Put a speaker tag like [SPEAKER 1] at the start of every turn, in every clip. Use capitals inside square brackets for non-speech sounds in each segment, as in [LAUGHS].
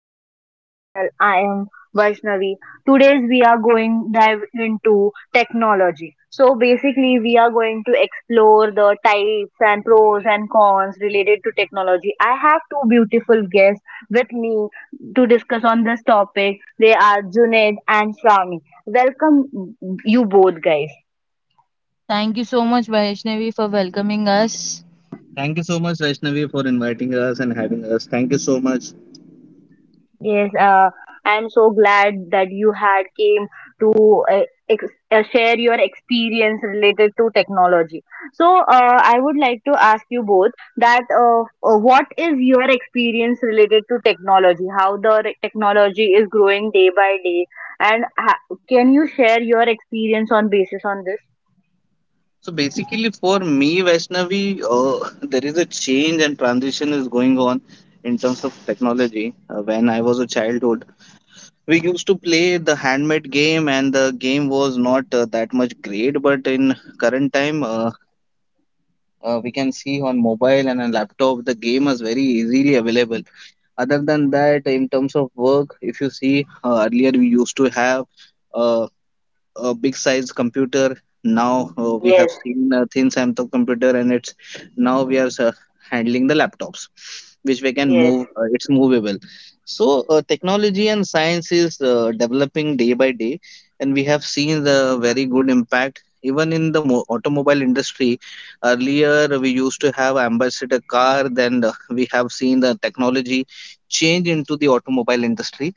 [SPEAKER 1] back to my channel. I am Vaishnavi. Today we are going dive into technology. So basically we are going to explore the types and pros and cons related to technology. I have two beautiful guests with me to discuss on this topic. They are Junaid and Shami. Welcome you both guys.
[SPEAKER 2] Thank you so much, Vaishnavi, for welcoming us. Thank you so much, Vaishnavi, for inviting us and having us. Thank you so much.
[SPEAKER 1] Yes, I'm so glad that you had came to ex share your experience related to technology. So, I would like to ask you both that what is your experience related to technology? How the technology is growing day by day, and can you share your experience on basis on this?
[SPEAKER 2] So basically, for me, Vaishnavi, [LAUGHS] there is a change and transition is going on in terms of technology. When I was a childhood, we used to play the handmade game, and the game was not that much great. But in current time, we can see on mobile and on laptop the game is very easily available. Other than that, in terms of work, if you see, earlier we used to have uh, a big size computer. Now we
[SPEAKER 1] Yes,
[SPEAKER 2] have seen a thin sample computer, and it's now we are handling the laptops, which we can
[SPEAKER 1] yes,
[SPEAKER 2] move, it's movable. So technology and science is developing day by day, and we have seen the very good impact even in the automobile industry. Earlier we used to have ambassador car, then we have seen the technology change into the automobile industry.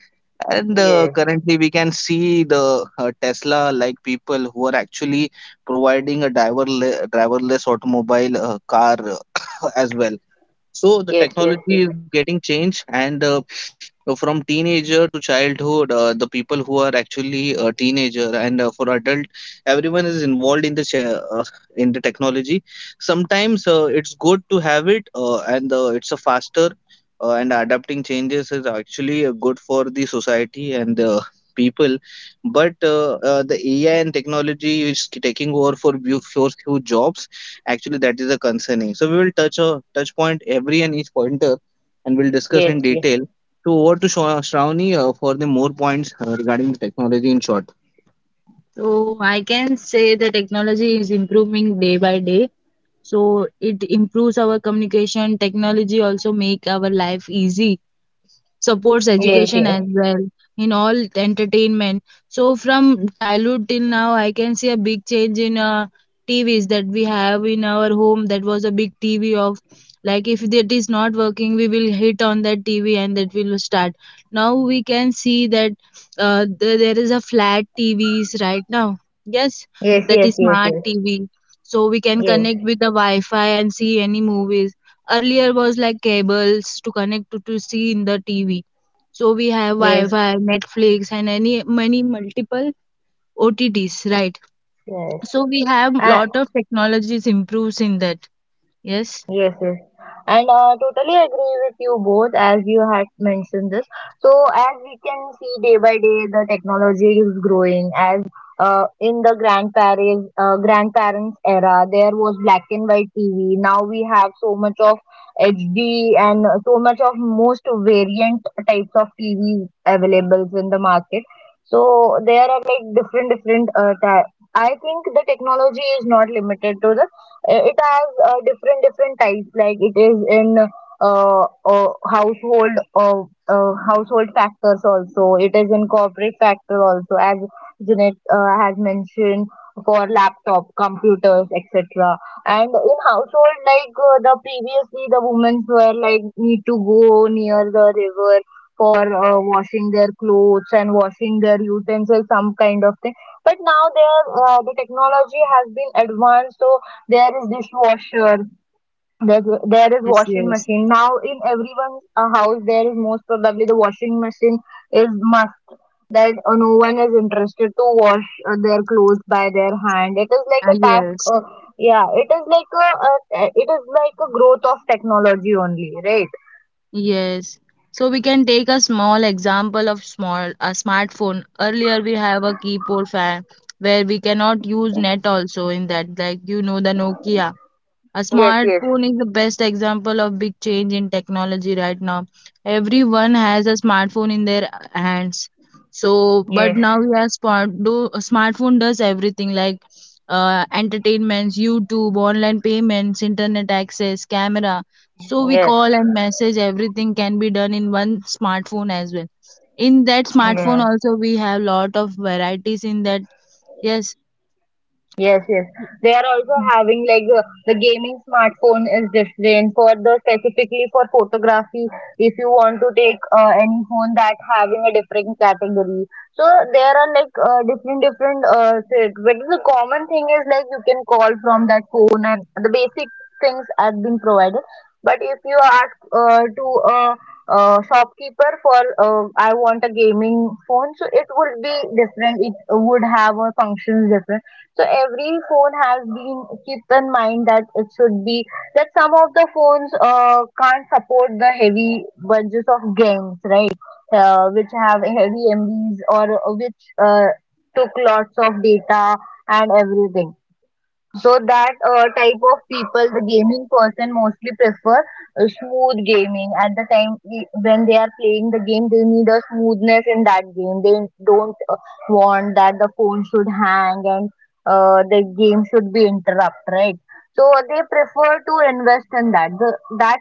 [SPEAKER 2] And
[SPEAKER 1] yes,
[SPEAKER 2] currently we can see the tesla like people who are actually providing a driverless automobile car [COUGHS] as well. So the
[SPEAKER 1] yes, yes,
[SPEAKER 2] technology is getting changed, and from teenager to childhood, the people who are actually a teenager and for adult, everyone is involved in the in the technology. Sometimes it's good to have it, and it's a faster and adapting changes is actually good for the society and the people. But the AI and technology is taking over for few jobs. Actually, that is a concerning. So we will touch point every and each pointer, and we'll discuss in
[SPEAKER 1] yes.
[SPEAKER 2] detail. So over to Shravani for the more points regarding the technology in short. So I can say the technology is improving day by day. So it improves our communication. Technology also make our life easy, supports
[SPEAKER 1] Yes,
[SPEAKER 2] education as
[SPEAKER 1] yes,
[SPEAKER 2] well, in all entertainment. So from childhood till now, I can see a big change in TVs that we have in our home. That was a big TV of, like, if that is not working, we will hit on that TV and that will start. Now we can see that there is a flat TVs right now. Yes,
[SPEAKER 1] yes,
[SPEAKER 2] that
[SPEAKER 1] yes,
[SPEAKER 2] is
[SPEAKER 1] yes,
[SPEAKER 2] smart
[SPEAKER 1] yes,
[SPEAKER 2] TV. So we can connect
[SPEAKER 1] yes,
[SPEAKER 2] with the Wi-Fi and see any movies. Earlier was like cables to connect to see in the TV. So we have
[SPEAKER 1] yes, yes,
[SPEAKER 2] Wi-Fi, Netflix, and any many multiple OTTs, right?
[SPEAKER 1] yes.
[SPEAKER 2] So we have
[SPEAKER 1] Yes.
[SPEAKER 2] lot of technologies improves in that. Yes,
[SPEAKER 1] Yes, yes. And totally agree with you both as you had mentioned this. So as we can see day by day, the technology is growing. As in the grandparents era, there was black and white TV. Now we have so much of HD and so much of most variant types of TVs available in the market. So there are like different different I think the technology is not limited to the it has different different types. Like it is in uh, household uh, household factors also. It is in corporate factor also, as Jeanette has mentioned for laptop, computers, etc. And in household, like the previously the women were like need to go near the river for washing their clothes and washing their utensils, some kind of thing. But now there, the technology has been advanced, so there is dishwasher there, there is
[SPEAKER 2] yes,
[SPEAKER 1] washing
[SPEAKER 2] yes.
[SPEAKER 1] machine now in everyone's house, there is most probably the washing machine is must, that no one is interested to wash their clothes by their hand. It is like
[SPEAKER 2] Ah,
[SPEAKER 1] a task.
[SPEAKER 2] yes,
[SPEAKER 1] Yeah, it is like a growth of technology only, right?
[SPEAKER 2] yes. So we can take a small example of small a smartphone. Earlier we have a keyboard fan where we cannot use net also in that, like, you know the Nokia. A
[SPEAKER 1] Yes, yes,
[SPEAKER 2] smartphone is the best example of big change in technology right now. Everyone has a smartphone in their hands. So, but
[SPEAKER 1] yes,
[SPEAKER 2] now we have smartphone does everything, like entertainments, YouTube, online payments, internet access, camera. So we
[SPEAKER 1] yes.
[SPEAKER 2] call and message. Everything can be done in one smartphone as well. In that smartphone
[SPEAKER 1] Yes.
[SPEAKER 2] also we have lot of varieties in that. Yes.
[SPEAKER 1] Yes, yes. They are also having like the gaming smartphone is different for the specifically for photography. If you want to take any phone that having a different category, so there are like different different. But the common thing is like you can call from that phone and the basic things have been provided. But if you ask to a shopkeeper for I want a gaming phone, so it would be different. It would have a functions different, so every phone has been keep in mind that it should be that some of the phones can't support the heavy bunches of games, right? Which have heavy MBs or which took lots of data and everything. So that type of people, the gaming person mostly prefer smooth gaming. At the time when they are playing the game, they need a smoothness in that game. They don't want that the phone should hang and the game should be interrupt, right? So they prefer to invest in that. That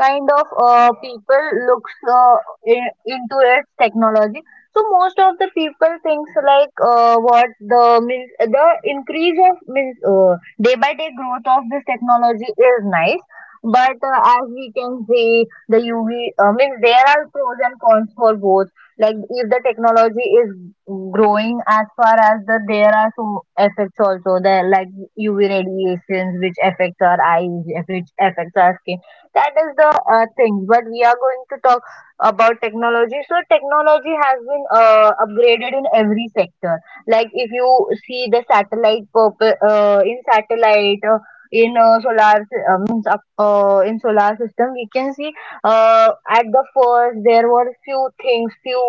[SPEAKER 1] kind of people looks, into its technology. So most of the people thinks like what the means the increase of means day by day growth of this technology is nice, but as we can see the UV, means there are pros and cons for both. Like if the technology is growing, as far as the there are some effects also, the like UV radiations which affects our eyes, which affects our skin, that is the thing. But we are going to talk about technology. So technology has been upgraded in every sector. Like if you see the satellite in satellite. In solar means up, in solar system we can see at the first there were few things few,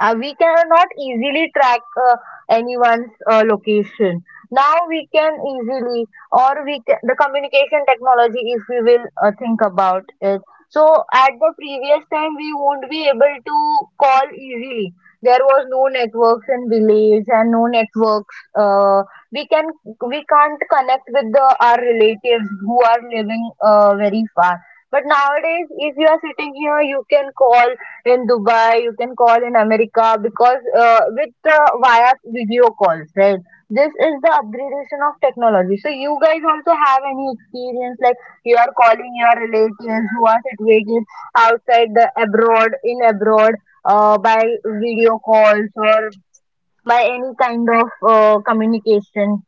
[SPEAKER 1] we cannot easily track uh, anyone's location now. We can easily, or we can, the communication technology, if we will think about it. So at the previous time we won't be able to call easily. There was no networks in village, and no networks, we can we can't connect with the our relatives who are living very far. But nowadays, if you are sitting here, you can call in Dubai, you can call in America, because with via video calls, right? This is the upgradation of technology. So you guys also have any experience like you are calling your relatives who are situated outside the abroad, in abroad, by video calls or by any kind of communication.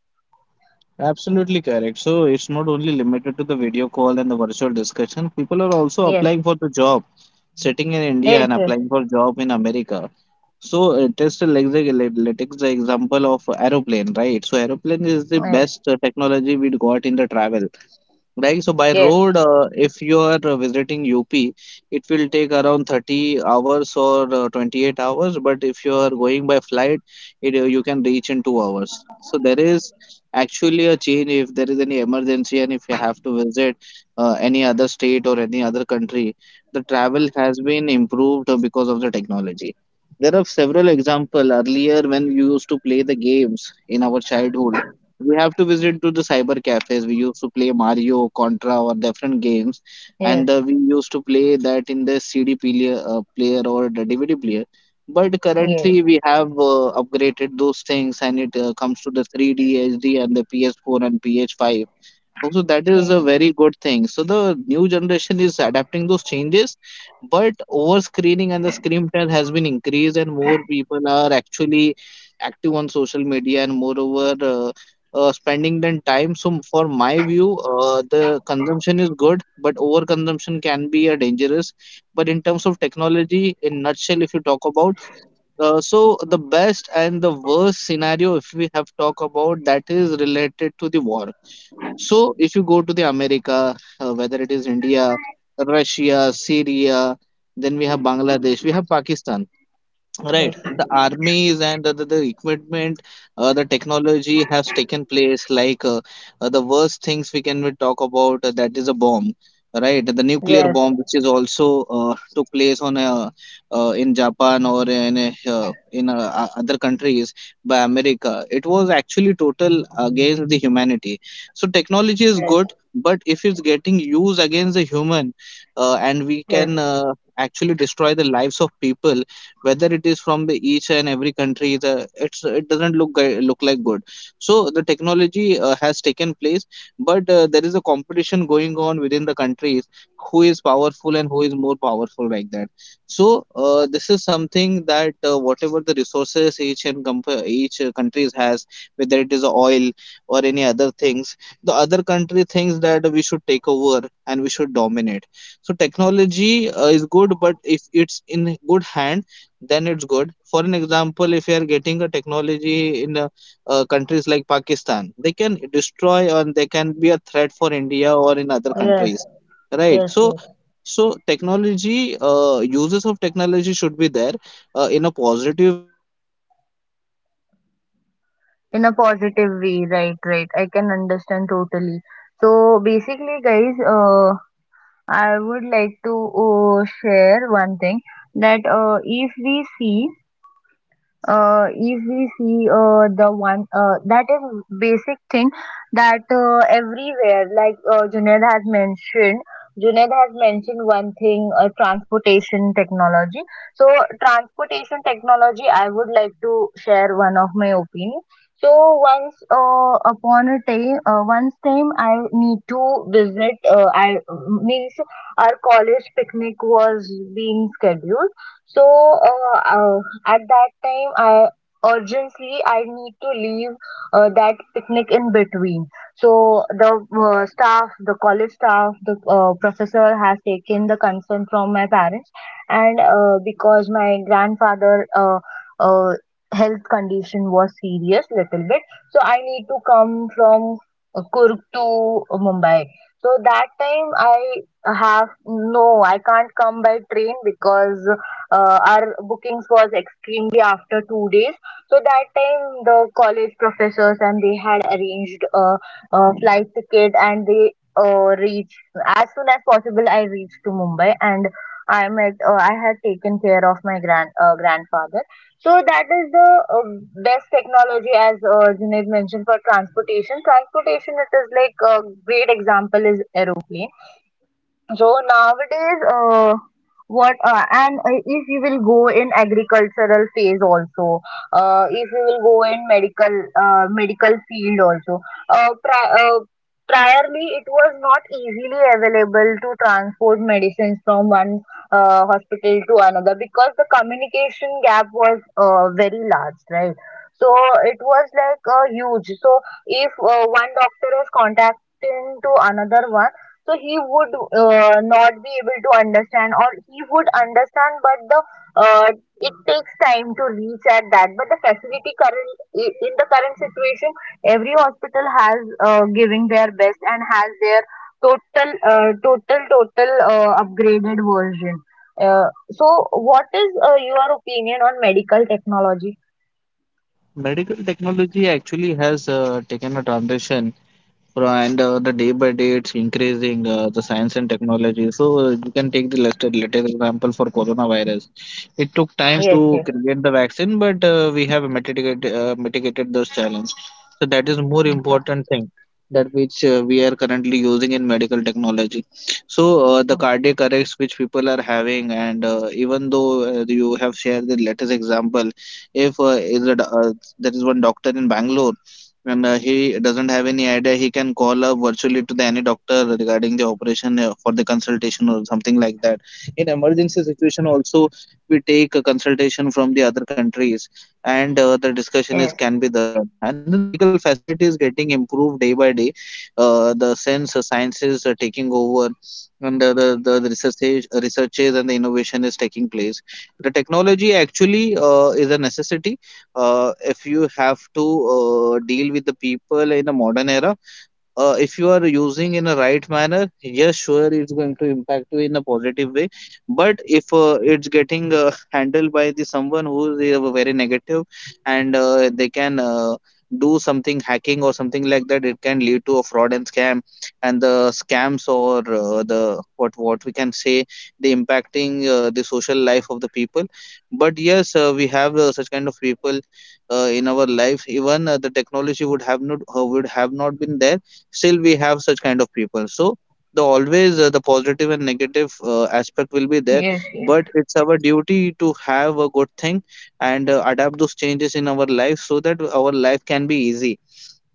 [SPEAKER 2] Absolutely correct. So it's not only limited to the video call and the virtual discussion. People are also
[SPEAKER 1] Yes,
[SPEAKER 2] applying for the job, sitting in India
[SPEAKER 1] yes,
[SPEAKER 2] and
[SPEAKER 1] yes,
[SPEAKER 2] applying for job in America. So it is still like like takes the example of aeroplane, right? So aeroplane is the
[SPEAKER 1] yes,
[SPEAKER 2] best technology we got in the travel. Right, so by
[SPEAKER 1] yes,
[SPEAKER 2] road,
[SPEAKER 1] yes,
[SPEAKER 2] if you are visiting UP, it will take around 30 hours or 28 hours. But if you are going by flight, you can reach in 2 hours. So there is actually a change if there is any emergency and if you have to visit any other state or any other country. The travel has been improved because of the technology. There are several examples. Earlier, when we used to play the games in our childhood, we have to visit to the cyber cafes. We used to play Mario, Contra, or different games, and we used to play that in the CD player, or the DVD player. But
[SPEAKER 1] yes, yes, yes,
[SPEAKER 2] currently,
[SPEAKER 1] yes,
[SPEAKER 2] we have upgraded those things, and it comes to the 3D HD and the PS4 and PS5. Also, that is a very good thing. So the new generation is adapting those changes, but over screening and the screen time has been increased, and more people are actually active on social media and moreover spending their time. So for my view, the consumption is good, but over consumption can be a dangerous. But in terms of technology, in nutshell, if you talk about, so the best and the worst scenario, if we have talk about, that is related to the war. So if you go to the America, whether it is India, Russia, Syria, then we have Bangladesh, we have Pakistan. Right,
[SPEAKER 1] yes, yes,
[SPEAKER 2] the armies and the equipment, the technology has taken place. Like the worst things we talk about, that is a bomb, right? The nuclear bomb, which is also took place on in Japan or in other countries by America. It was actually total against the humanity. So technology is good, but if it's getting used against the human, and we can actually destroy the lives of people, whether it is from the each and every country. The it doesn't look like good. So the technology has taken place, but there is a competition going on within the countries: who is powerful and who is more powerful, like that. So this is something that, whatever the resources each countries has, whether it is oil or any other things, the other country thinks that we should take over and we should dominate. So technology is good, but if it's in good hand, then it's good. For an example, if you are getting a technology in countries like Pakistan, they can destroy or they can be a threat for India or in other
[SPEAKER 1] yes,
[SPEAKER 2] countries, right?
[SPEAKER 1] yes,
[SPEAKER 2] So,
[SPEAKER 1] yes.
[SPEAKER 2] so technology uses of technology should be there in a positive way, but if it's getting used for the negative
[SPEAKER 1] In a
[SPEAKER 2] purpose, then
[SPEAKER 1] positive
[SPEAKER 2] can be a
[SPEAKER 1] way, right,
[SPEAKER 2] challenge.
[SPEAKER 1] right. I can understand totally. So basically, guys,
[SPEAKER 2] Yes. Yes,
[SPEAKER 1] I would like to share one
[SPEAKER 2] yes.
[SPEAKER 1] thing
[SPEAKER 2] Over to
[SPEAKER 1] that
[SPEAKER 2] you,
[SPEAKER 1] if
[SPEAKER 2] Vaishnavi,
[SPEAKER 1] we
[SPEAKER 2] regarding the
[SPEAKER 1] see,
[SPEAKER 2] yes.
[SPEAKER 1] the one that is basic thing, that everywhere like Junaid has mentioned one thing, transportation technology. So transportation technology, I would like to share one of my opinion. So once upon a time, once time I need to visit, I means our college picnic was being scheduled. So, at that time, I urgently I need to leave that picnic in between. So the staff, the college staff, the professor has taken the consent from my parents, and because my grandfather uh, health condition was serious little bit, so I need to come from Kurg to Mumbai. So that time I have no, I can't come by train because our bookings was extremely after 2 days. So that time the college professors and they had arranged a flight ticket, and they reached as soon as possible. I reached to Mumbai and I met. I had taken care of my grandfather. So that is the best technology, as Junaid mentioned, for transportation. Transportation, it is like a great example is aeroplane. So nowadays, what and if you will go in agricultural phase also, if you will go in medical field also, uh, pri uh, priorly it was not easily available to transport medicines from one hospital to another, because the communication gap was very large, right? So it was like huge. So if one doctor is contacting to another one, so he would not be able to understand, or he would understand, but the uh, it takes time to reach at that. But the facility current, in the current situation, every hospital has giving their best and has their total upgraded version. uh, so what is your opinion on medical technology?
[SPEAKER 2] Medical technology actually has taken a transition. And the day by day it's increasing the science and technology. So you can take the latest example for coronavirus. It took
[SPEAKER 1] Yes,
[SPEAKER 2] time
[SPEAKER 1] yes,
[SPEAKER 2] to create the vaccine, but we have mitigated those challenge. So that is more
[SPEAKER 1] Anshul.
[SPEAKER 2] important thing that which we are currently using in medical technology. So the cardiac arrests which people are having, and even though you have shared the latest example. If is a, do- There is one doctor in Bangalore, and he doesn't have any idea. He can call up virtually to the any doctor regarding the operation for the consultation or something like that. In emergency situation also we take a consultation from the other countries, and the discussion
[SPEAKER 1] Yes.
[SPEAKER 2] is can be done. And then the medical facility is getting improved day by day. The sense Sciences are taking over, and the researches and the innovation is taking place. The technology actually is a necessity. If you have to deal with the people in the modern era, if you are using in a right manner, yes, sure, it's going to impact you in a positive way. But if it's getting [LAUGHS] handled by the someone who is very negative, and they can do something hacking or something like that, it can lead to a fraud and scam, and the scams or the what we can say, the impacting the social life of the people. But yes, we have such kind of people in our lives. Even the technology would have not been there, still we have such kind of people, so the always the positive and negative aspect will be there,
[SPEAKER 1] Yes, yes,
[SPEAKER 2] but it's our duty to have a good thing and adapt those changes in our life so that our life can be easy.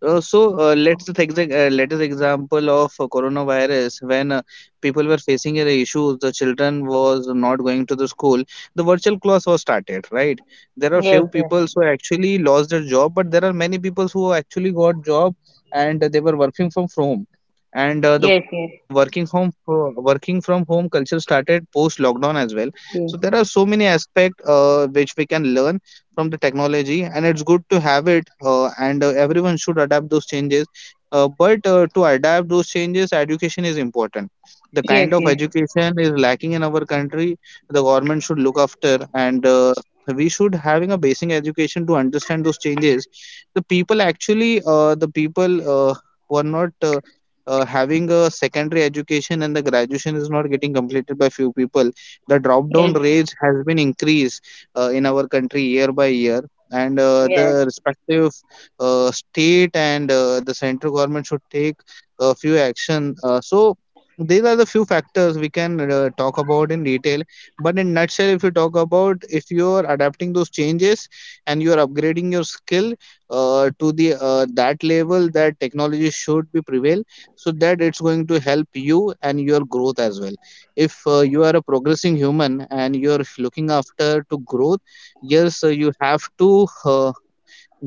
[SPEAKER 2] So let's take the latest example of coronavirus, when people were facing the issues, the children was not going to the school, the virtual class was started, right? There are
[SPEAKER 1] yes,
[SPEAKER 2] few
[SPEAKER 1] yes,
[SPEAKER 2] people who actually lost their job, but there are many people who actually got job, and they were working from home. And the
[SPEAKER 1] yes, yes,
[SPEAKER 2] working from home culture started post lockdown as well. So there are
[SPEAKER 1] yes,
[SPEAKER 2] so many aspects which we can learn from the technology, and it's good to have it, and everyone should adapt those changes, but to adapt those changes education is important. The
[SPEAKER 1] yes,
[SPEAKER 2] kind of
[SPEAKER 1] yes,
[SPEAKER 2] education is lacking in our country. The government should look after, and we should having a basic education to understand those changes. The people actually, the people who are not having a secondary education, and the graduation is not getting completed by few people. The drop down
[SPEAKER 1] yes.
[SPEAKER 2] rates has been increased in our country year by year, and
[SPEAKER 1] Yes,
[SPEAKER 2] the respective state and the central government should take a few action, so these are the few factors we can talk about in detail. But in nutshell, if you talk about, if you are adapting those changes and you are upgrading your skill to the that level that technology should be prevail, so that it's going to help you and your growth as well. If you are a progressing human and you are looking after to growth, yes, you have to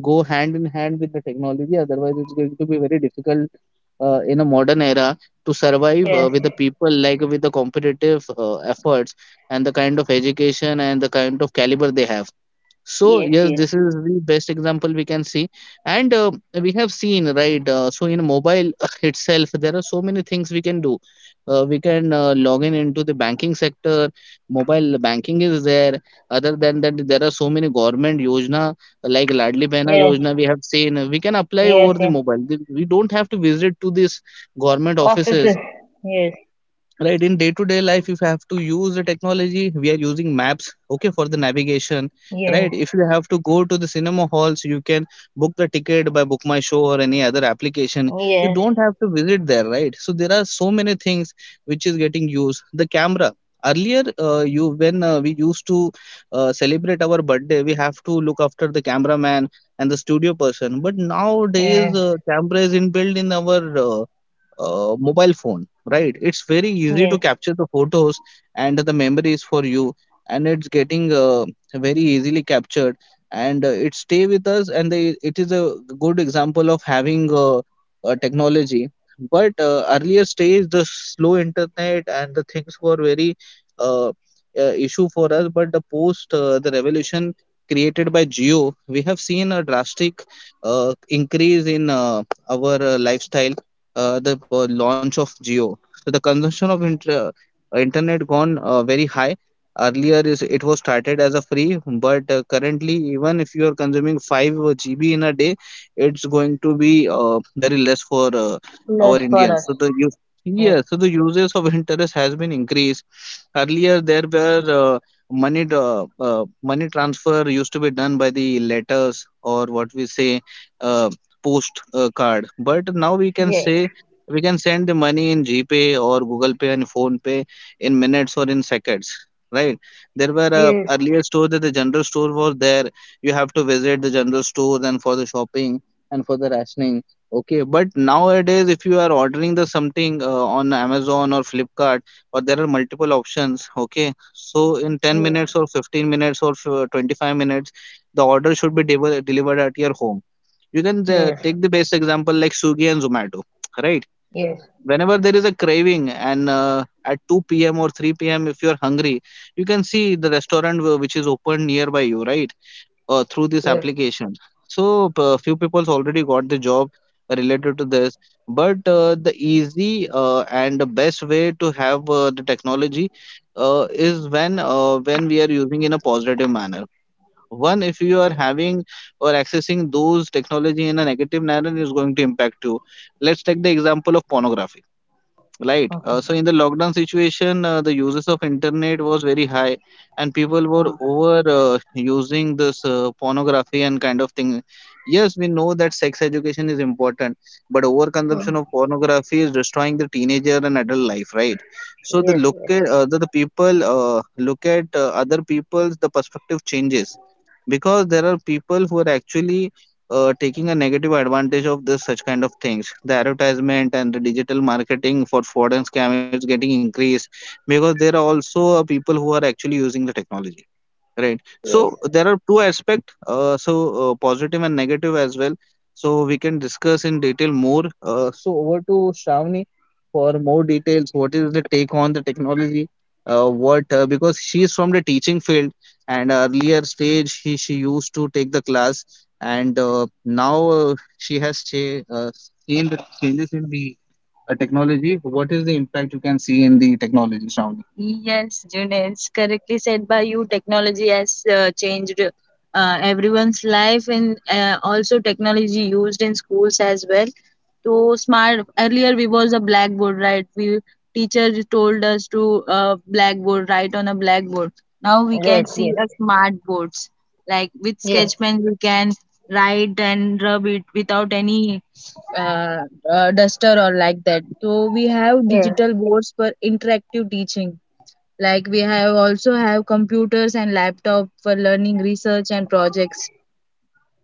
[SPEAKER 2] go hand in hand with the technology, otherwise it's going to be very difficult in a modern era to survive
[SPEAKER 1] yes,
[SPEAKER 2] with the people, like with the competitive efforts and the kind of education and the kind of caliber they have. So
[SPEAKER 1] yes,
[SPEAKER 2] yes,
[SPEAKER 1] yes,
[SPEAKER 2] this is the best example we can see. And we have seen, right? So in mobile [LAUGHS] itself, there are so many things we can do. We can log in into the banking sector. Mobile banking is there. Other than that, there are so many government yojana, like ladli behna
[SPEAKER 1] yes,
[SPEAKER 2] yojana, we have seen we can apply over
[SPEAKER 1] yes,
[SPEAKER 2] the
[SPEAKER 1] yes.
[SPEAKER 2] mobile. We don't have to visit to these government offices,
[SPEAKER 1] Offices. Yes,
[SPEAKER 2] right? In day to day life, if you have to use the technology, we are using maps, okay, for the navigation,
[SPEAKER 1] yes,
[SPEAKER 2] right? If you have to go to the cinema halls, you can book the ticket by Book My Show or any other application. You
[SPEAKER 1] yes,
[SPEAKER 2] don't have to visit there, right? So there are so many things which is getting used, the camera. Earlier you, when we used to celebrate our birthday, we have to look after the cameraman and the studio person, but nowadays
[SPEAKER 1] yes,
[SPEAKER 2] camera is inbuilt in our uh, mobile phone, right? It's very easy to
[SPEAKER 1] yes.
[SPEAKER 2] capture the photos and the memories for you, and it's getting very easily captured, and it stay with us. And they, it is a good example of having technology. But earlier stage, the slow internet and the things were very uh, uh, issue for us. But the post the revolution created by Geo, we have seen a drastic increase in our lifestyle, the launch of Geo. So the consumption of internet gone very high. Earlier is it was started as a free, but currently even if you are consuming 5 GB in a day, it's going to be very less for our
[SPEAKER 1] Less for
[SPEAKER 2] Indians.
[SPEAKER 1] us.
[SPEAKER 2] So the use,
[SPEAKER 1] Yes,
[SPEAKER 2] yeah, so the uses of internet has been increased. Earlier there were money transfer used to be done by the letters, or what we say, uh, post card, but now we can
[SPEAKER 1] yes,
[SPEAKER 2] say we can send the money in GPay or Google Pay and Phone Pay in minutes or in seconds, right? There were
[SPEAKER 1] yes,
[SPEAKER 2] earlier stores, that the general store was there. You have to visit the general store and for the shopping and for the rationing, okay, but nowadays if you are ordering the something on Amazon or Flipkart, or there are multiple options, okay, so in 10 minutes or 15 minutes or 25 minutes the order should be delivered at your home. You can
[SPEAKER 1] yes,
[SPEAKER 2] take the best example like Swiggy and Zomato, right?
[SPEAKER 1] yes,
[SPEAKER 2] Whenever there is a craving and at 2 p.m. or 3 p.m., if you're hungry, you can see the restaurant which is open nearby you, right? Through this
[SPEAKER 1] yes.
[SPEAKER 2] application. So a few people's already got the job related to this, but the easy and the best way to have the technology is when when we are using in a positive manner. One, if you are having or accessing those technology in a negative manner, is going to impact you. Let's take the example of pornography. Right.
[SPEAKER 1] Okay.
[SPEAKER 2] So in the lockdown situation, the uses of internet was very high, and people were
[SPEAKER 1] Fine.
[SPEAKER 2] over using this pornography and kind of thing. Yes, we know that sex education is important, but overconsumption of pornography is destroying the teenager and adult life, right? So the
[SPEAKER 1] Yes,
[SPEAKER 2] look
[SPEAKER 1] yes,
[SPEAKER 2] at the people look at other people's, the perspective changes, because there are people who are actually taking a negative advantage of this such kind of things. The advertisement and the digital marketing for fraud and scam is getting increased, because there are also people who are actually using the technology. Right.
[SPEAKER 1] yes, yes,
[SPEAKER 2] So there are two aspects, so positive and negative as well. So we can discuss in detail more. So over to Shravani for more details. What is the take on the technology? What Because she is from the teaching field, and earlier stage, she used to take the class, and now she has seen the changes in the a technology. What is the impact you can see in the technology surrounding? Yes, Junes, correctly said by you. Technology has changed everyone's life, and also technology used in schools as well. So smart. Earlier we was a blackboard, right? We teacher told us to blackboard, write on a blackboard. Now we can
[SPEAKER 1] yes,
[SPEAKER 2] see
[SPEAKER 1] yes,
[SPEAKER 2] a smart boards. Like with
[SPEAKER 1] yes,
[SPEAKER 2] sketch
[SPEAKER 1] yes,
[SPEAKER 2] pen, we can write and rub it without any uh, duster or like that. So we have
[SPEAKER 1] yes, yes,
[SPEAKER 2] digital boards for interactive teaching, like we have also have computers and laptop for learning research and projects.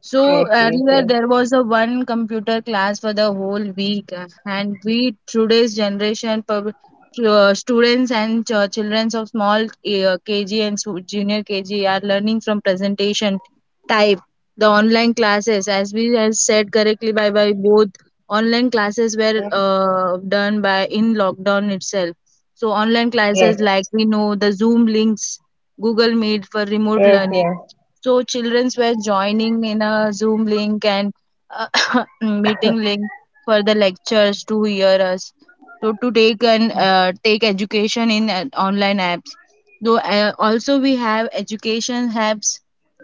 [SPEAKER 2] So earlier there was a one computer class for the whole week, and we today's generation pub, students and children of small KG and junior KG are learning from presentation type, the online classes, as we as said correctly by both, online classes were done by in lockdown itself. So online
[SPEAKER 1] yes,
[SPEAKER 2] classes,
[SPEAKER 1] yes,
[SPEAKER 2] like we know the Zoom links, Google Meet for remote
[SPEAKER 1] yes,
[SPEAKER 2] learning,
[SPEAKER 1] yes.
[SPEAKER 2] so childrens were joining in a Zoom link and [COUGHS] meeting link for the lectures to hear us. So to take and take education in online apps. Though also we have education apps,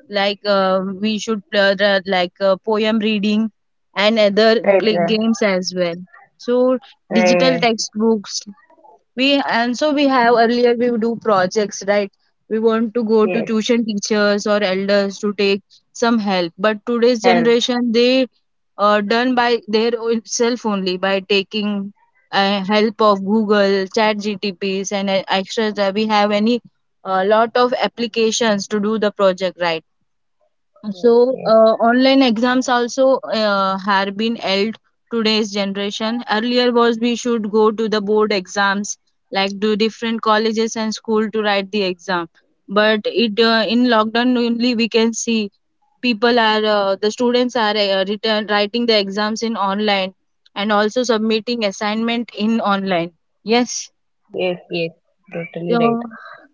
[SPEAKER 2] like we should play the, like poem reading and other
[SPEAKER 1] Right, right,
[SPEAKER 2] games as well. So digital
[SPEAKER 1] right.
[SPEAKER 2] textbooks, we and so we have earlier we do projects, right? We want to go to
[SPEAKER 1] Yes,
[SPEAKER 2] tuition teachers or elders to take some help, but today's
[SPEAKER 1] help.
[SPEAKER 2] generation they done by their own self only by taking help of Google Chat GTPs and extras that we have any, a lot of applications to do the project, right?
[SPEAKER 1] Yes,
[SPEAKER 2] So,
[SPEAKER 1] yes,
[SPEAKER 2] online exams also have been held today's generation. Earlier was we should go to the board exams, like to different colleges and school to write the exam. But it in lockdown only we can see people are the students are return, writing the exams in online, and also submitting assignment in online. Yes.
[SPEAKER 1] yes, yes. Totally right.
[SPEAKER 2] Uh,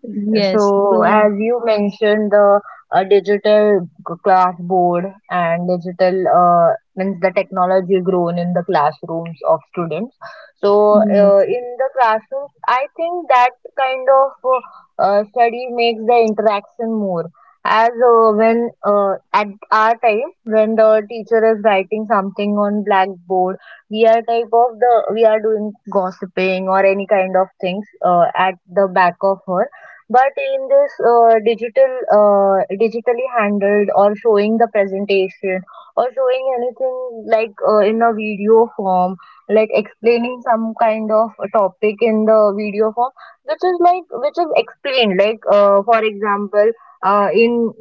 [SPEAKER 2] yes.
[SPEAKER 1] So,
[SPEAKER 2] So
[SPEAKER 1] as you mentioned, the digital class board and digital, means the technology grown in the classrooms of students. So,
[SPEAKER 2] yes.
[SPEAKER 1] in the classrooms, I think that kind of study makes the interaction more. As when at our time, when the teacher is writing something on blackboard, we are type of the we are doing gossiping or any kind of things at the back of her. But in this digitally handled or showing the presentation or showing anything like in a video form, like explaining some kind of a topic in the video form, which is like which is explained. Like for example, in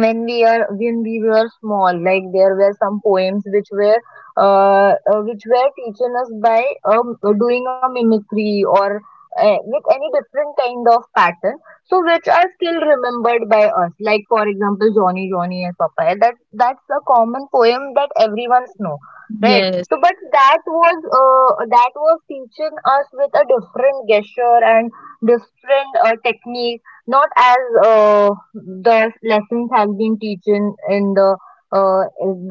[SPEAKER 1] when we were small, like there were some poems which were teaching us by doing a mimicry or with any different kind of pattern, so which are still remembered by us. Like for example, Johnny Johnny and Papa, that's a common poem that everyone's know, right?
[SPEAKER 2] Yes.
[SPEAKER 1] So, but that was teaching us with a different gesture and different technique, not as the lessons have been teaching in the uh,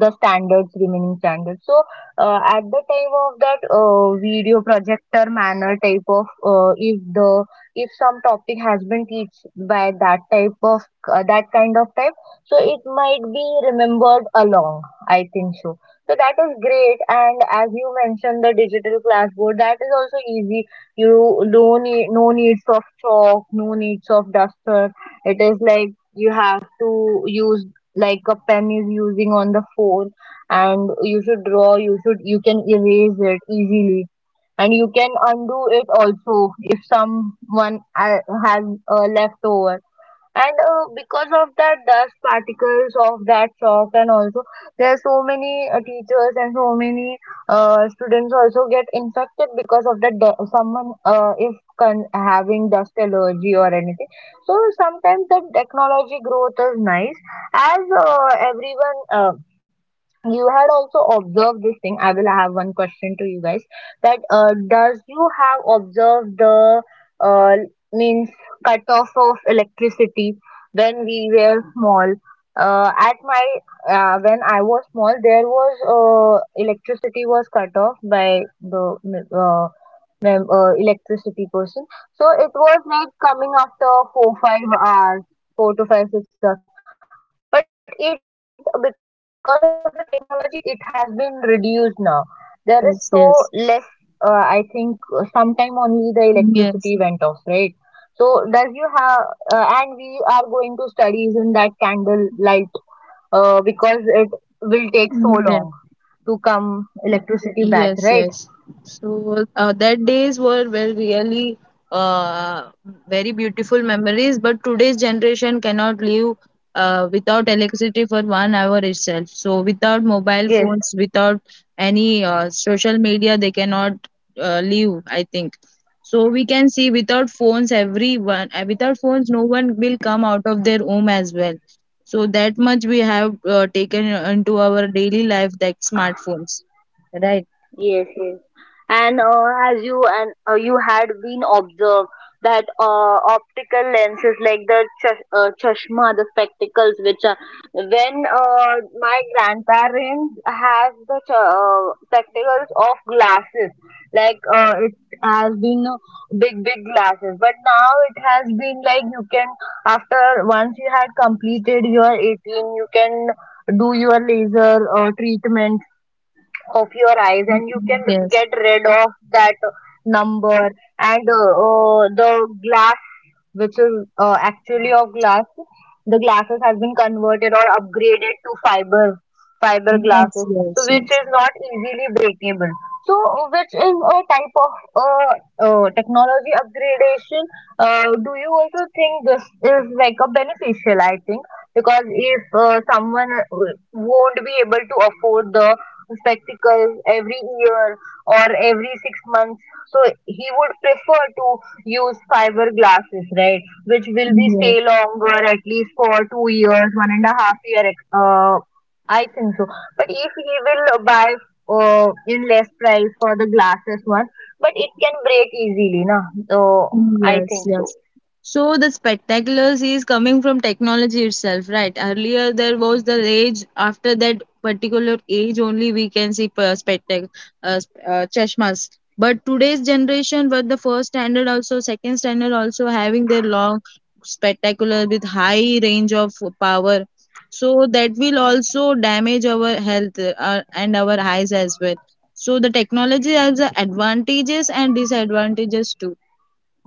[SPEAKER 1] standards remaining standards. So at the time of that video projector manner type of, if some topic has been teach by that type of that kind of type, so it might be remembered along. I think so. So that is great. And as you mentioned the digital classboard, that is also easy. You no need, no needs of chalk, no needs of duster. It is like you have to use like a pen is using on the phone, and you should draw. You can erase it easily, and you can undo it also if someone has a leftover. And because of that dust particles of that chalk, and also there are so many teachers and so many students also get infected because of that someone, if having dust allergy or anything. So sometimes the technology growth is nice. As everyone you had also observed this thing, I will have one question to you guys, that does you have observed the, uh, means, cut off of electricity when we were small? At my When I was small, there was electricity was cut off by the, uh, electricity person. So it was like coming after four, 5 hours, four to five, 6 hours. But it, because of the technology, it has been reduced now. There is so less, I think,
[SPEAKER 2] Yes. Yes.
[SPEAKER 1] sometime only the electricity went off, right? So does
[SPEAKER 2] Yes.
[SPEAKER 1] you have, and we are going to studies in that candle light, because it will take so long to come
[SPEAKER 2] Yeah.
[SPEAKER 1] electricity back, right?
[SPEAKER 2] Yes, yes. So that days were, well, really uh, very beautiful memories. But today's generation cannot live without electricity for 1 hour itself. So without mobile
[SPEAKER 1] Yes.
[SPEAKER 2] phones, without any social media, they cannot live, I think. So we can see without phones, everyone without phones, no one will come out of their home as well. So that much we have taken into our daily life, that smartphones, right?
[SPEAKER 1] Yes, yes. And as you and you had been observed that optical lenses like the chashma, the spectacles, which are when my grandparents have the ch spectacles of glasses, like it has been, big big glasses. But now it has been like you can, after once you had completed your 18, you can do your laser treatment of your eyes, and you can
[SPEAKER 2] Yes,
[SPEAKER 1] get rid of that number. And the glass, which is actually of glass. The glasses has been converted or upgraded to fiber
[SPEAKER 2] yes,
[SPEAKER 1] glasses,
[SPEAKER 2] yes,
[SPEAKER 1] so which
[SPEAKER 2] yes.
[SPEAKER 1] is not easily breakable. So which is a type of technology upgradation. Do you also think this is like a beneficial? I think because if someone won't be able to afford the spectacles every year or every 6 months, so he would prefer to use fiber glasses, right? Which will be
[SPEAKER 2] Yes,
[SPEAKER 1] stay longer, at least for 2 years, one and a half year. I think so. But if he will buy in less price for the glasses one, but it can break easily, na? So I think
[SPEAKER 2] yes,
[SPEAKER 1] so.
[SPEAKER 2] yes. So the spectaculars is coming from technology itself, right? Earlier there was the age. After that particular age, only we can see per spectac, chashmas. But today's generation, but the first standard also, second standard also, having their long spectacular with high range of power. So that will also damage our health and our eyes as well. So the technology has the advantages and disadvantages too.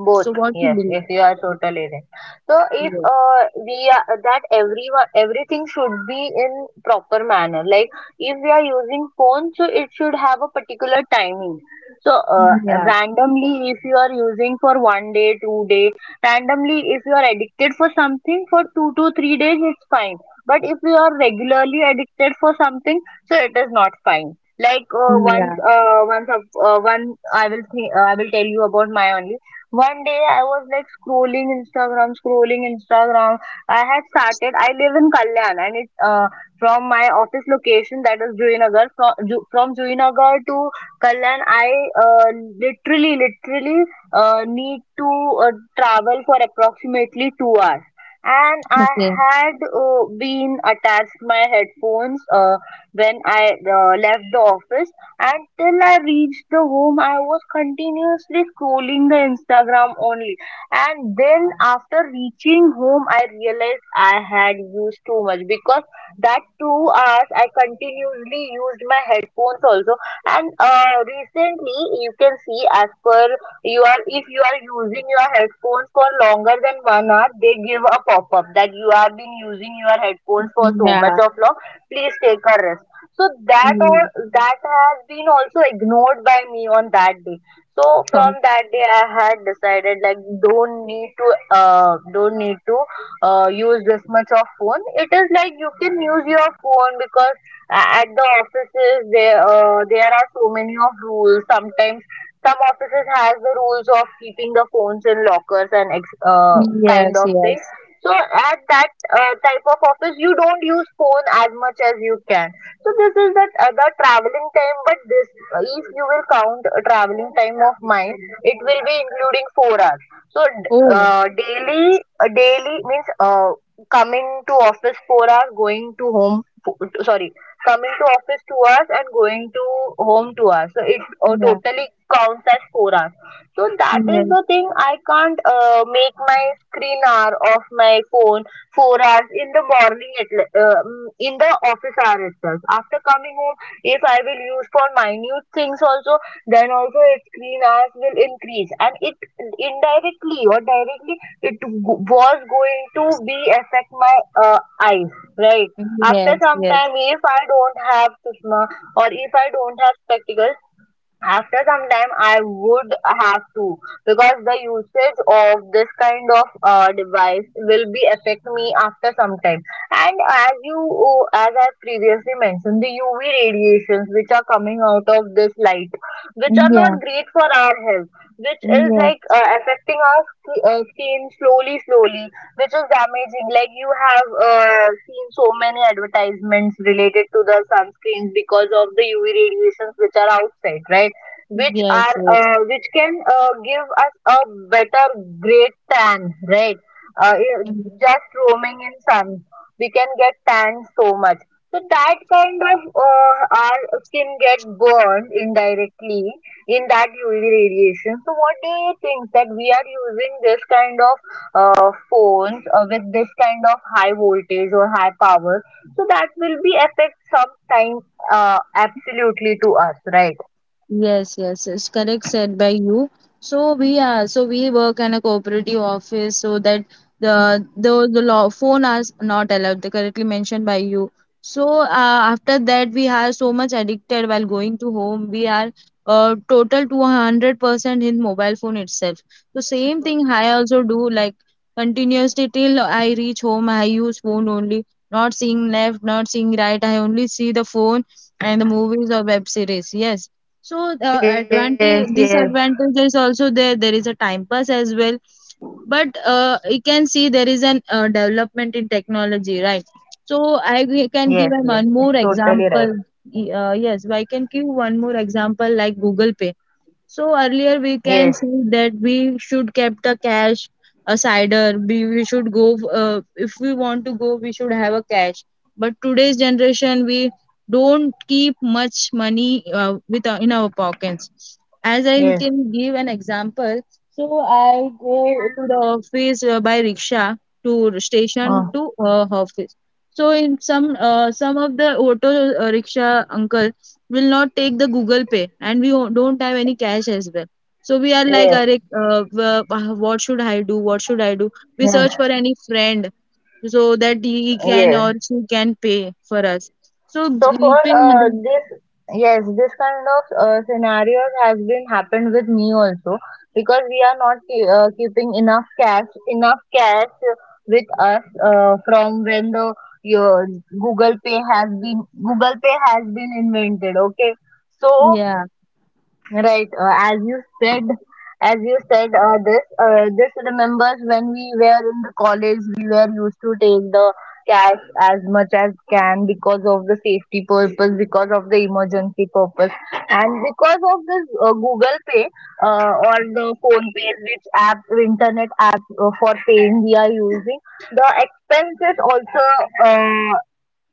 [SPEAKER 1] Both,
[SPEAKER 2] So what you
[SPEAKER 1] yes, yes,
[SPEAKER 2] believe?
[SPEAKER 1] you are totally right. So if
[SPEAKER 2] Yeah.
[SPEAKER 1] we are that everyone everything should be in proper manner. Like if we are using phone, so it should have a particular timing. So
[SPEAKER 2] Yeah.
[SPEAKER 1] randomly, if you are using for one day, two-day, randomly if you are addicted for something for 2 to 3 days, it's fine. But if you are regularly addicted for something, so it is not fine. Like
[SPEAKER 2] Yeah.
[SPEAKER 1] one, I will tell you about my only. One day I was like scrolling Instagram, scrolling Instagram. I had started. I live in Kalyan, and it's from my office location that is Juinagar. From from Juinagar to Kalyan, I uh, literally need to uh, travel for approximately 2 hours. And I
[SPEAKER 2] Okay.
[SPEAKER 1] had been attached my headphones when I left the office. Until I reached the home, I was continuously scrolling the Instagram only. And then after reaching home, I realized I had used too much because that 2 hours I continuously used my headphones also. And recently, you can see as per you are, if you are using your headphones for longer than 1 hour, they give a pop up that you have been using your headphones for so much
[SPEAKER 2] Yeah.
[SPEAKER 1] of long. Please take a rest, so that all
[SPEAKER 2] Mm.
[SPEAKER 1] that has been also ignored by me on that day. So
[SPEAKER 2] Um,
[SPEAKER 1] from that day, I had decided like don't need to use this much of phone. It is like you can use your phone because at the offices there there are so many of rules. Sometimes some offices has the rules of keeping the phones in lockers and kind
[SPEAKER 2] Yes.
[SPEAKER 1] of thing.
[SPEAKER 2] Yes.
[SPEAKER 1] So at that type of office, you don't use phone as much as you can. So this is that other traveling time, but this, if you will count a traveling time of mine, it will be including 4 hours. So
[SPEAKER 2] Oh.
[SPEAKER 1] daily means coming to office 4 hours, going to home, sorry, coming to office 2 hours and going to home 2 hours. So it
[SPEAKER 2] Yeah.
[SPEAKER 1] totally counts as 4 hours. So that is
[SPEAKER 2] Yes.
[SPEAKER 1] the thing. I can't make my screen hour of my phone 4 hours in the morning at, in the office hour itself. After coming home, if I will use for minute things also, then also its screen hours will increase. And it indirectly or directly, was going to be affect my eyes, right? After
[SPEAKER 2] Yes.
[SPEAKER 1] some
[SPEAKER 2] Yes.
[SPEAKER 1] time, if I don't have chashma or if I don't have spectacles, after some time I would have to, because the usage of this kind of device will be affect me after some time. And as you, oh, as I previously mentioned, the UV radiations, which are coming out of this light, which are not
[SPEAKER 2] Yeah.
[SPEAKER 1] great for our health, which is
[SPEAKER 2] Yes.
[SPEAKER 1] like affecting our skin slowly slowly, which is damaging, like you have seen so many advertisements related to the sunscreens because of the UV radiations which are outside, right? Which
[SPEAKER 2] Yes.
[SPEAKER 1] are which can give us a better great tan, right? Uh, i-
[SPEAKER 2] Yes.
[SPEAKER 1] just roaming in sun, we can get tan so much. So that kind of, our skin get burned indirectly in that UV radiation. So what do you think that we are using this kind of phones with this kind of high voltage or high power? So that will be affect some time, absolutely, to us, right?
[SPEAKER 2] Yes, yes, it's correct said by you. So we work in a cooperative office so that the law phone are not allowed. They correctly mentioned by you. So after that we are so much addicted while going to home. We are total to 100% in mobile phone itself. So same thing I also do like continuously till I reach home. I use phone only, not seeing left, not seeing right. I only see the phone and the movies or web series. Yes. So
[SPEAKER 1] Yes, yes.
[SPEAKER 2] advantage disadvantage is also there. There is a time pass as well, but you can see there is an development in technology, right? So
[SPEAKER 1] Yes, yes, yes,
[SPEAKER 2] can give an one
[SPEAKER 1] totally
[SPEAKER 2] more
[SPEAKER 1] right.
[SPEAKER 2] example. Yes, I can give one more example like Google Pay. So earlier we
[SPEAKER 1] Yes,
[SPEAKER 2] can say that we should kept a cash aside. Or we should go if we want to go, we should have a cash. But today's generation, we don't keep much money with in our pockets. As I
[SPEAKER 1] yes,
[SPEAKER 2] can give an example, so I go to the office by rickshaw to
[SPEAKER 1] uh,
[SPEAKER 2] station to office. So in some of the auto rickshaw uncle will not take the Google Pay, and we don't have any cash as well. So we are like,
[SPEAKER 1] yes,
[SPEAKER 2] "Arre, what should I do? What should I do?" We search
[SPEAKER 1] yes,
[SPEAKER 2] for any friend so that he can or
[SPEAKER 1] yes.
[SPEAKER 2] she can pay for us. So
[SPEAKER 1] So for
[SPEAKER 2] paying,
[SPEAKER 1] this, yes, this kind of scenarios has been happened with me also, because we are not keeping enough cash with us from when the your Google Pay has been invented. Okay, so
[SPEAKER 2] yeah,
[SPEAKER 1] right, as you said, this this remembers when we were in the college, we were used to take the cash as much as can, because of the safety purpose, because of the emergency purpose, and because of this Google Pay or the Phone Pay, which app, internet app for paying we are using, the expenses also. Uh,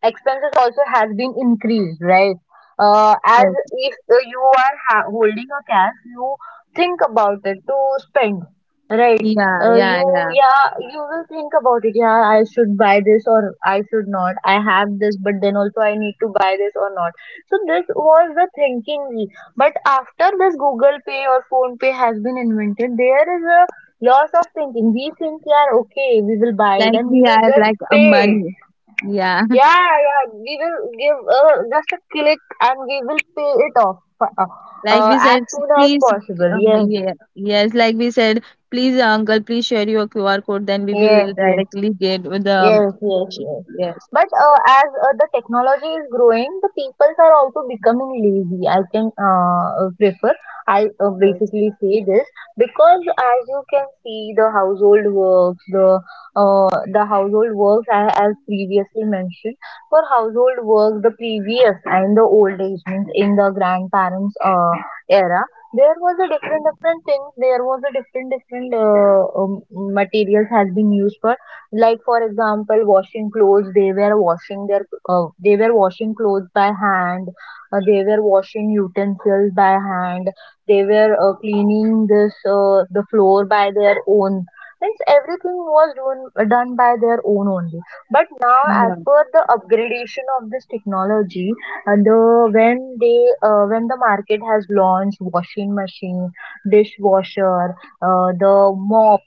[SPEAKER 1] Expenses also has been increased, right? As
[SPEAKER 2] yes,
[SPEAKER 1] if you are ha holding a cash, you think about it to spend, right?
[SPEAKER 2] yeah, yeah,
[SPEAKER 1] You
[SPEAKER 2] yeah.
[SPEAKER 1] Yeah, you will think about it. Yeah, I should buy this or I should not. I have this, but then also I need to buy this or not. So this was the thinking. But after this Google Pay or Phone Pay has been invented, there is a loss of thinking. We think, yeah, okay, we will buy it,
[SPEAKER 2] Like
[SPEAKER 1] and we
[SPEAKER 2] we
[SPEAKER 1] will
[SPEAKER 2] are
[SPEAKER 1] just
[SPEAKER 2] like a
[SPEAKER 1] pay it.
[SPEAKER 2] money. Yeah. [LAUGHS]
[SPEAKER 1] Yeah, yeah, we will give, just a click, and we will pay it off,
[SPEAKER 2] Like we
[SPEAKER 1] as
[SPEAKER 2] said,
[SPEAKER 1] soon as
[SPEAKER 2] please,
[SPEAKER 1] possible. Yes,
[SPEAKER 2] yeah, yes. Like we said, please, uncle, please share your QR code. Then we
[SPEAKER 1] yes,
[SPEAKER 2] will
[SPEAKER 1] yes.
[SPEAKER 2] directly get with the.
[SPEAKER 1] Yes, yes, yes.
[SPEAKER 2] Yes.
[SPEAKER 1] But as the technology is growing, the peoples are also becoming lazy. I can prefer, I
[SPEAKER 2] Yes.
[SPEAKER 1] basically say this because, as you can see, the household works, the household works, I, as previously mentioned, for household work, the previous and the old age, means in the grandparents' era, there was a different different things. There was a different different materials has been used for, like for example, washing clothes, they were washing their they were washing clothes by hand, they were washing utensils by hand, they were cleaning this the floor by their own, means everything was done, done by their own only. But now, as
[SPEAKER 2] Yeah.
[SPEAKER 1] per the upgradation of this technology, the when they when the market has launched washing machine, dishwasher, the mop,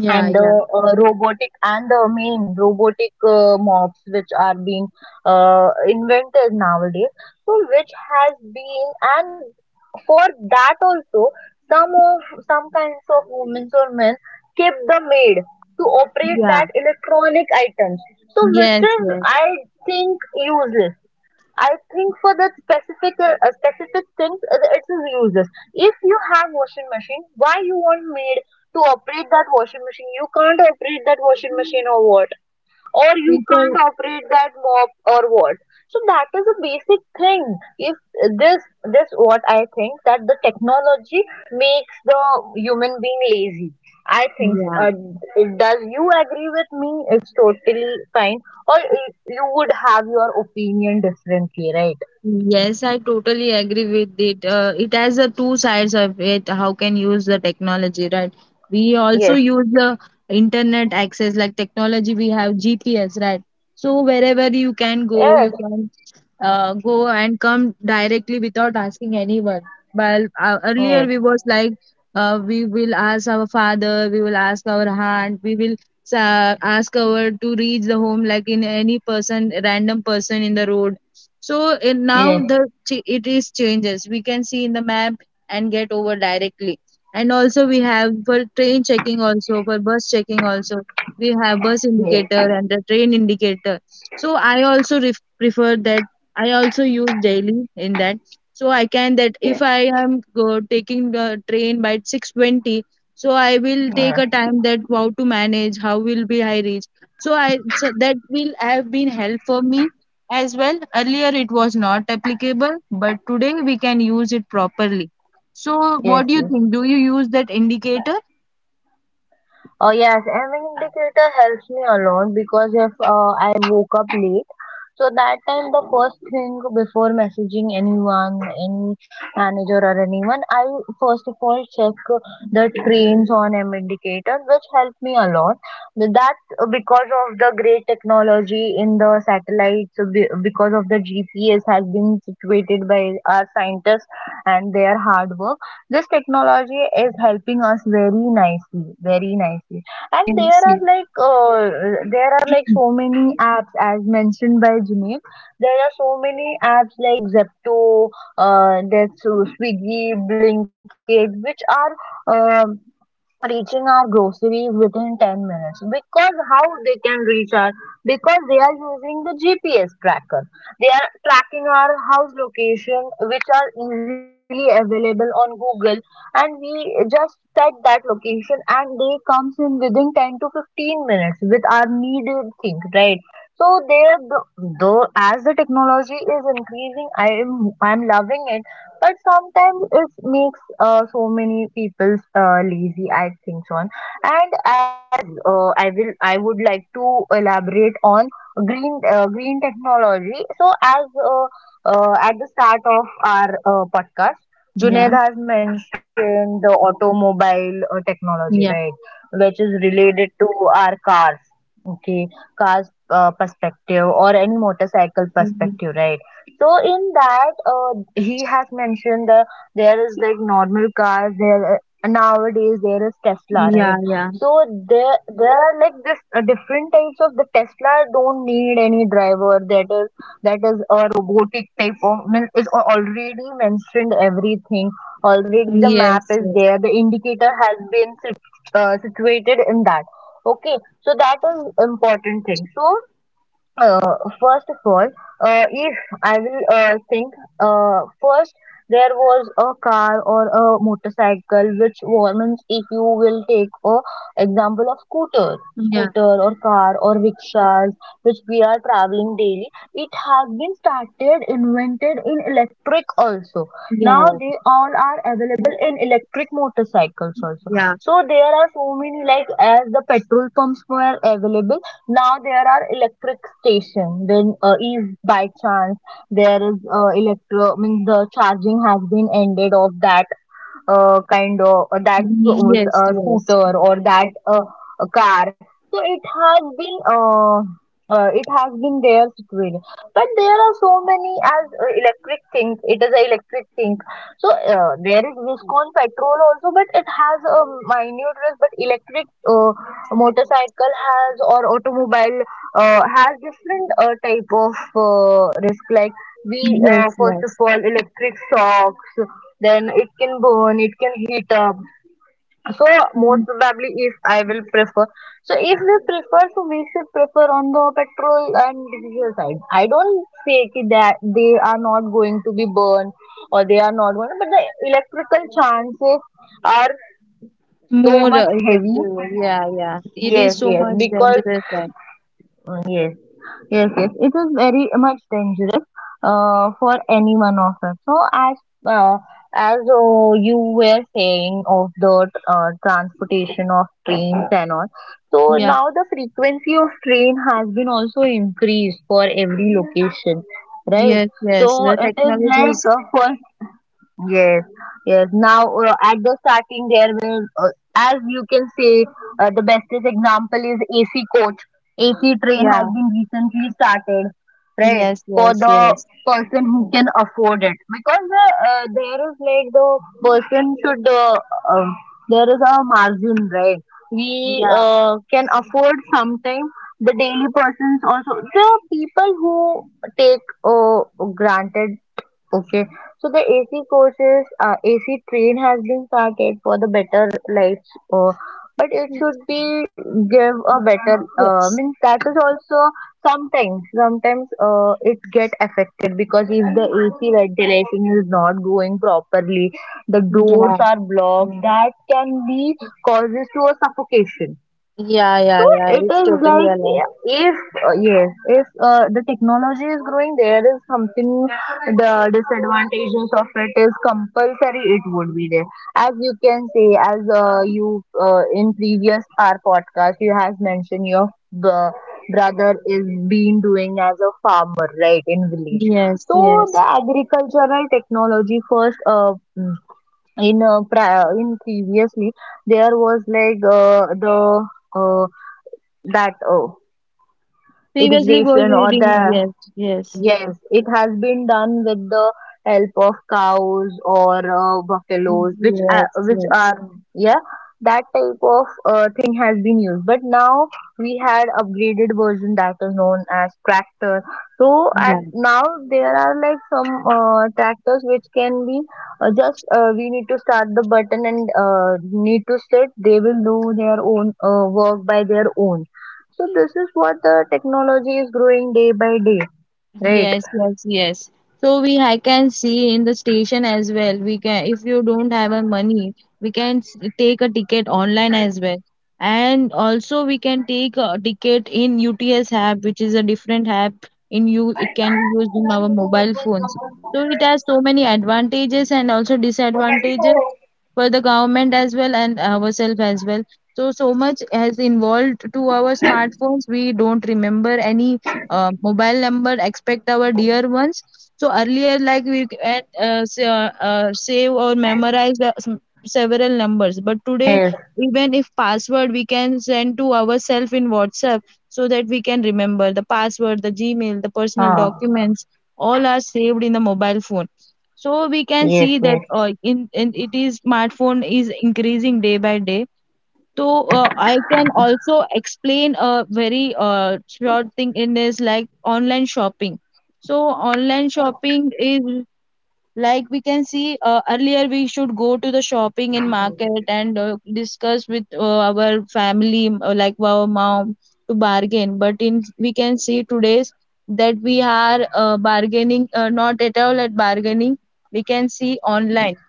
[SPEAKER 2] Yeah.
[SPEAKER 1] and the
[SPEAKER 2] Yeah.
[SPEAKER 1] robotic, and the main robotic mops, which are being invented nowadays. So which has been, and for that also, some of some kinds of women or men keep the maid to operate
[SPEAKER 2] Yeah.
[SPEAKER 1] that electronic items. So which
[SPEAKER 2] Yes.
[SPEAKER 1] is
[SPEAKER 2] Yes.
[SPEAKER 1] I think useless. I think for that specific specific things, it is useless. If you have washing machine, why you want maid to operate that washing machine? You can't operate that washing machine or what? Or you can't
[SPEAKER 2] People.
[SPEAKER 1] operate that mop or what? So that is a basic thing. If this this what I think, that the technology makes the human being lazy, I think.
[SPEAKER 2] Yeah.
[SPEAKER 1] Does you agree with me? It's totally fine, or you would have your opinion differently, right?
[SPEAKER 2] Yes, I totally agree with it. It has the two sides of it. How can use the technology, right? We also
[SPEAKER 1] Yes,
[SPEAKER 2] use the internet access, like technology. We have GPS, right? So wherever
[SPEAKER 1] yes,
[SPEAKER 2] you can go and come directly without asking anyone. But earlier
[SPEAKER 1] yes,
[SPEAKER 2] we was like, we will ask our father, we will ask our aunt, we will ask our to reach the home, like in any person, random person in the road so it, now
[SPEAKER 1] yes,
[SPEAKER 2] it is changes. We can see in the map and get over directly. And also we have for train checking also for bus checking also we have bus
[SPEAKER 1] yes.
[SPEAKER 2] indicator and the train indicator. So I also prefer that. I also use daily in that. So I can that if
[SPEAKER 1] Yes.
[SPEAKER 2] I am go, taking the train by 6:20. So I will take
[SPEAKER 1] Yeah.
[SPEAKER 2] a time that how to manage, how will be I reach. So that will have been help for me as well, earlier it was not applicable, but today we can use it properly. So,
[SPEAKER 1] Yes,
[SPEAKER 2] what do you
[SPEAKER 1] yes.
[SPEAKER 2] think? Do you use that indicator?
[SPEAKER 1] Oh yes, an indicator helps me a lot, because if I woke up late, so that time, the first thing before messaging anyone, any manager or anyone, I first of all check the trains on an indicator, which helped me a lot. That, because of the great technology in the satellites, because of the GPS has been situated by our scientists and their hard work, this technology is helping us very nicely, very nicely. And
[SPEAKER 2] Yes, yeah,
[SPEAKER 1] there are like so many apps as mentioned by Junaid. There are so many apps like Zepto, that's Swiggy, Blinkit, which are reaching our groceries within 10 minutes. Because how they can reach our, because they are using the GPS tracker, they are tracking our house location, which are easily available on Google, and we just set that location and they comes in within 10 to 15 minutes with our needed thing, right? So there the, though as the technology is increasing, I'm loving it, but sometimes it makes so many people lazy, I think, Sean. And as I would like to elaborate on green green technology. So, as at the start of our podcast,
[SPEAKER 2] yeah,
[SPEAKER 1] Junaid has mentioned the automobile technology,
[SPEAKER 2] yeah,
[SPEAKER 1] right, which is related to our cars, okay, cars perspective or any motorcycle
[SPEAKER 2] mhm,
[SPEAKER 1] perspective, right? So in that, he has mentioned that there is like normal cars. There nowadays there is Tesla,
[SPEAKER 2] yeah,
[SPEAKER 1] right?
[SPEAKER 2] yeah,
[SPEAKER 1] So there are like this different types of the Tesla don't need any driver. That is, that is a robotic type of means is already mentioned everything. Already the map
[SPEAKER 2] yes,
[SPEAKER 1] is
[SPEAKER 2] yes,
[SPEAKER 1] there. The indicator has been sit, situated in that. Okay, so that is important thing. So uh, first of all, if I will think, first there was a car or a motorcycle which warmens. If you will take a example of scooter,
[SPEAKER 2] yeah,
[SPEAKER 1] scooter or car or rickshaws which we are traveling daily. It has been started, invented in electric also. Now
[SPEAKER 2] yeah,
[SPEAKER 1] they all are available in electric motorcycles also.
[SPEAKER 2] yeah,
[SPEAKER 1] So there are so many, like as the petrol pumps were available, now there are electric station. When if by chance there is electro means the charging has been ended of that kind of that
[SPEAKER 2] yes, yes,
[SPEAKER 1] scooter or that car. So it has been their situation. But there are so many as electric things. It is an electric thing. So there is Viscon petrol also, but it has a minute risk. But electric motorcycle has, or automobile has different type of risk, like we
[SPEAKER 2] yes,
[SPEAKER 1] first of
[SPEAKER 2] yes.
[SPEAKER 1] all electric shocks, then it can burn, it can heat up. So most
[SPEAKER 2] Mhm.
[SPEAKER 1] probably, if I will prefer, so if we prefer, so we should prefer on the petrol and diesel side. I don't say ki that they are not going to be burned or they are not going, but the electrical chances are so
[SPEAKER 2] More
[SPEAKER 1] much heavy.
[SPEAKER 2] effective, yeah, yeah. It
[SPEAKER 1] Yes,
[SPEAKER 2] is so
[SPEAKER 1] yes,
[SPEAKER 2] much
[SPEAKER 1] because
[SPEAKER 2] dangerous then.
[SPEAKER 1] yes. Yes, yes. It is very much dangerous for any one of us. So as uh, you were saying of the transportation of trains and all, so
[SPEAKER 2] Yeah,
[SPEAKER 1] now the frequency of train has been also increased for every location, right?
[SPEAKER 2] yes, yes.
[SPEAKER 1] So
[SPEAKER 2] The
[SPEAKER 1] it is
[SPEAKER 2] technology
[SPEAKER 1] like
[SPEAKER 2] is,
[SPEAKER 1] for, yes, yes. Now, at the starting, there will, as you can say, the bestest example is AC coach. AC train has
[SPEAKER 2] yeah,
[SPEAKER 1] been recently started, right?
[SPEAKER 2] yes,
[SPEAKER 1] For
[SPEAKER 2] yes,
[SPEAKER 1] the
[SPEAKER 2] yes,
[SPEAKER 1] person who can afford it, because there is like the person should, uh, there is a margin, right? We
[SPEAKER 2] yeah,
[SPEAKER 1] can afford sometimes. The daily persons also, the people who take granted. Okay, so the AC courses, AC train has been started for the better lives, uh, but it should be give a better,
[SPEAKER 2] yes.
[SPEAKER 1] means that is also sometimes, sometimes it get affected, because if the AC ventilation is not going properly, the doors
[SPEAKER 2] Yeah,
[SPEAKER 1] are blocked, that can be causes to a suffocation.
[SPEAKER 2] yeah,
[SPEAKER 1] So
[SPEAKER 2] yeah, yeah.
[SPEAKER 1] it
[SPEAKER 2] It's
[SPEAKER 1] is
[SPEAKER 2] totally
[SPEAKER 1] like,
[SPEAKER 2] aligned.
[SPEAKER 1] yeah, if yes, if the technology is growing, there is something, the disadvantages of it is compulsory. It would be there, as you can say, as you in previous our podcast, you has mentioned your uh, brother is been doing as a farmer, right, in village.
[SPEAKER 2] Yes,
[SPEAKER 1] So the
[SPEAKER 2] yes.
[SPEAKER 1] agricultural technology first. In previously there was like the uh, that oh
[SPEAKER 2] Previously was
[SPEAKER 1] irrigation or
[SPEAKER 2] reading.
[SPEAKER 1] the,
[SPEAKER 2] Yes, yes.
[SPEAKER 1] yes, it has been done with the help of cows or buffaloes, which are,
[SPEAKER 2] Yes,
[SPEAKER 1] which
[SPEAKER 2] yes.
[SPEAKER 1] are, yeah, that type of thing has been used. But now we had upgraded version that is known as tractor. So at
[SPEAKER 2] Yeah.
[SPEAKER 1] now there are like some tractors which can be just we need to start the button and need to sit. They will do their own work by their own. So this is what the technology is growing day by day, right?
[SPEAKER 2] Yes, yes, yes. So we I can see in the station as well. We can if you don't have a money, we can take a ticket online as well. And also we can take a ticket in UTS app, which is a different app in you it can be used in our mobile phones. So it has so many advantages and also disadvantages for the government as well and ourselves as well. So so much has involved to our smartphones. We don't remember any mobile number expect our dear ones so earlier like we can save or memorize the several numbers but today
[SPEAKER 1] Yes,
[SPEAKER 2] even if password we can send to ourselves in whatsapp so that we can remember the password the gmail the personal
[SPEAKER 1] ah,
[SPEAKER 2] documents all are saved in the mobile phone so we can
[SPEAKER 1] yes,
[SPEAKER 2] see that
[SPEAKER 1] yes.
[SPEAKER 2] in it is smartphone is increasing day by day so I can also explain a very short thing in this like online shopping. So online shopping is like we can see earlier we should go to the shopping in market and discuss with our family like our mom to bargain. But in we can see today's that we are bargaining not at all at bargaining. We can see online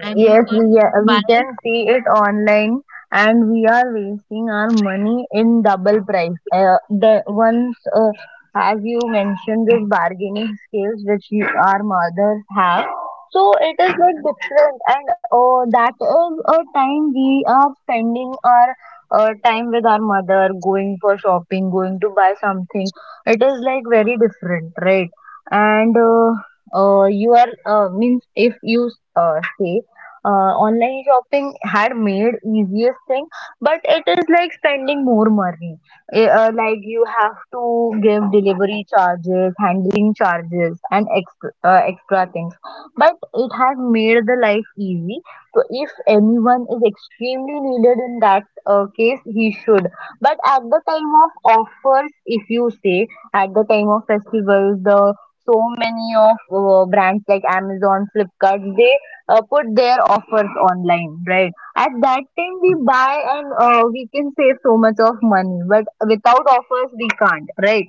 [SPEAKER 2] and we
[SPEAKER 1] Yes,
[SPEAKER 2] can
[SPEAKER 1] we,
[SPEAKER 2] buy.
[SPEAKER 1] we can see it online, and we are wasting our money in double price. The once, as you mentioned, this bargaining skills which you, our mothers have. So it is like different, and that is a time we are spending our time with our mother, going for shopping, going to buy something. It is like very different, right? And you are means if you say online shopping had made easiest thing, but it is like spending more money. Like you have to give delivery charges, handling charges, and extra, extra things. But it has made the life easy. So if anyone is extremely needed in that case, he should. But at the time of offers, if you say, at the time of festivals, the so many of brands like Amazon, Flipkart, they put their offers online, right? At that time, we buy and we can save so much of money, but without offers, we can't, right?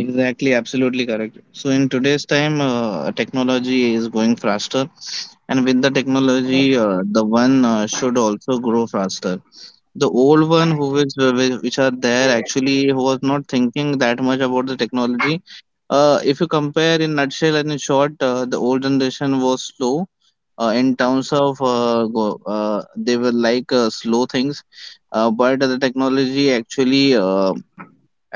[SPEAKER 2] Exactly, absolutely correct. So in today's time, technology is going faster, and with the technology, the one should also grow faster. The old one who is which are there actually who was not thinking that much about the technology. If you compare in nutshell and in short, the old generation was slow. In terms of they were like slow things, but the technology actually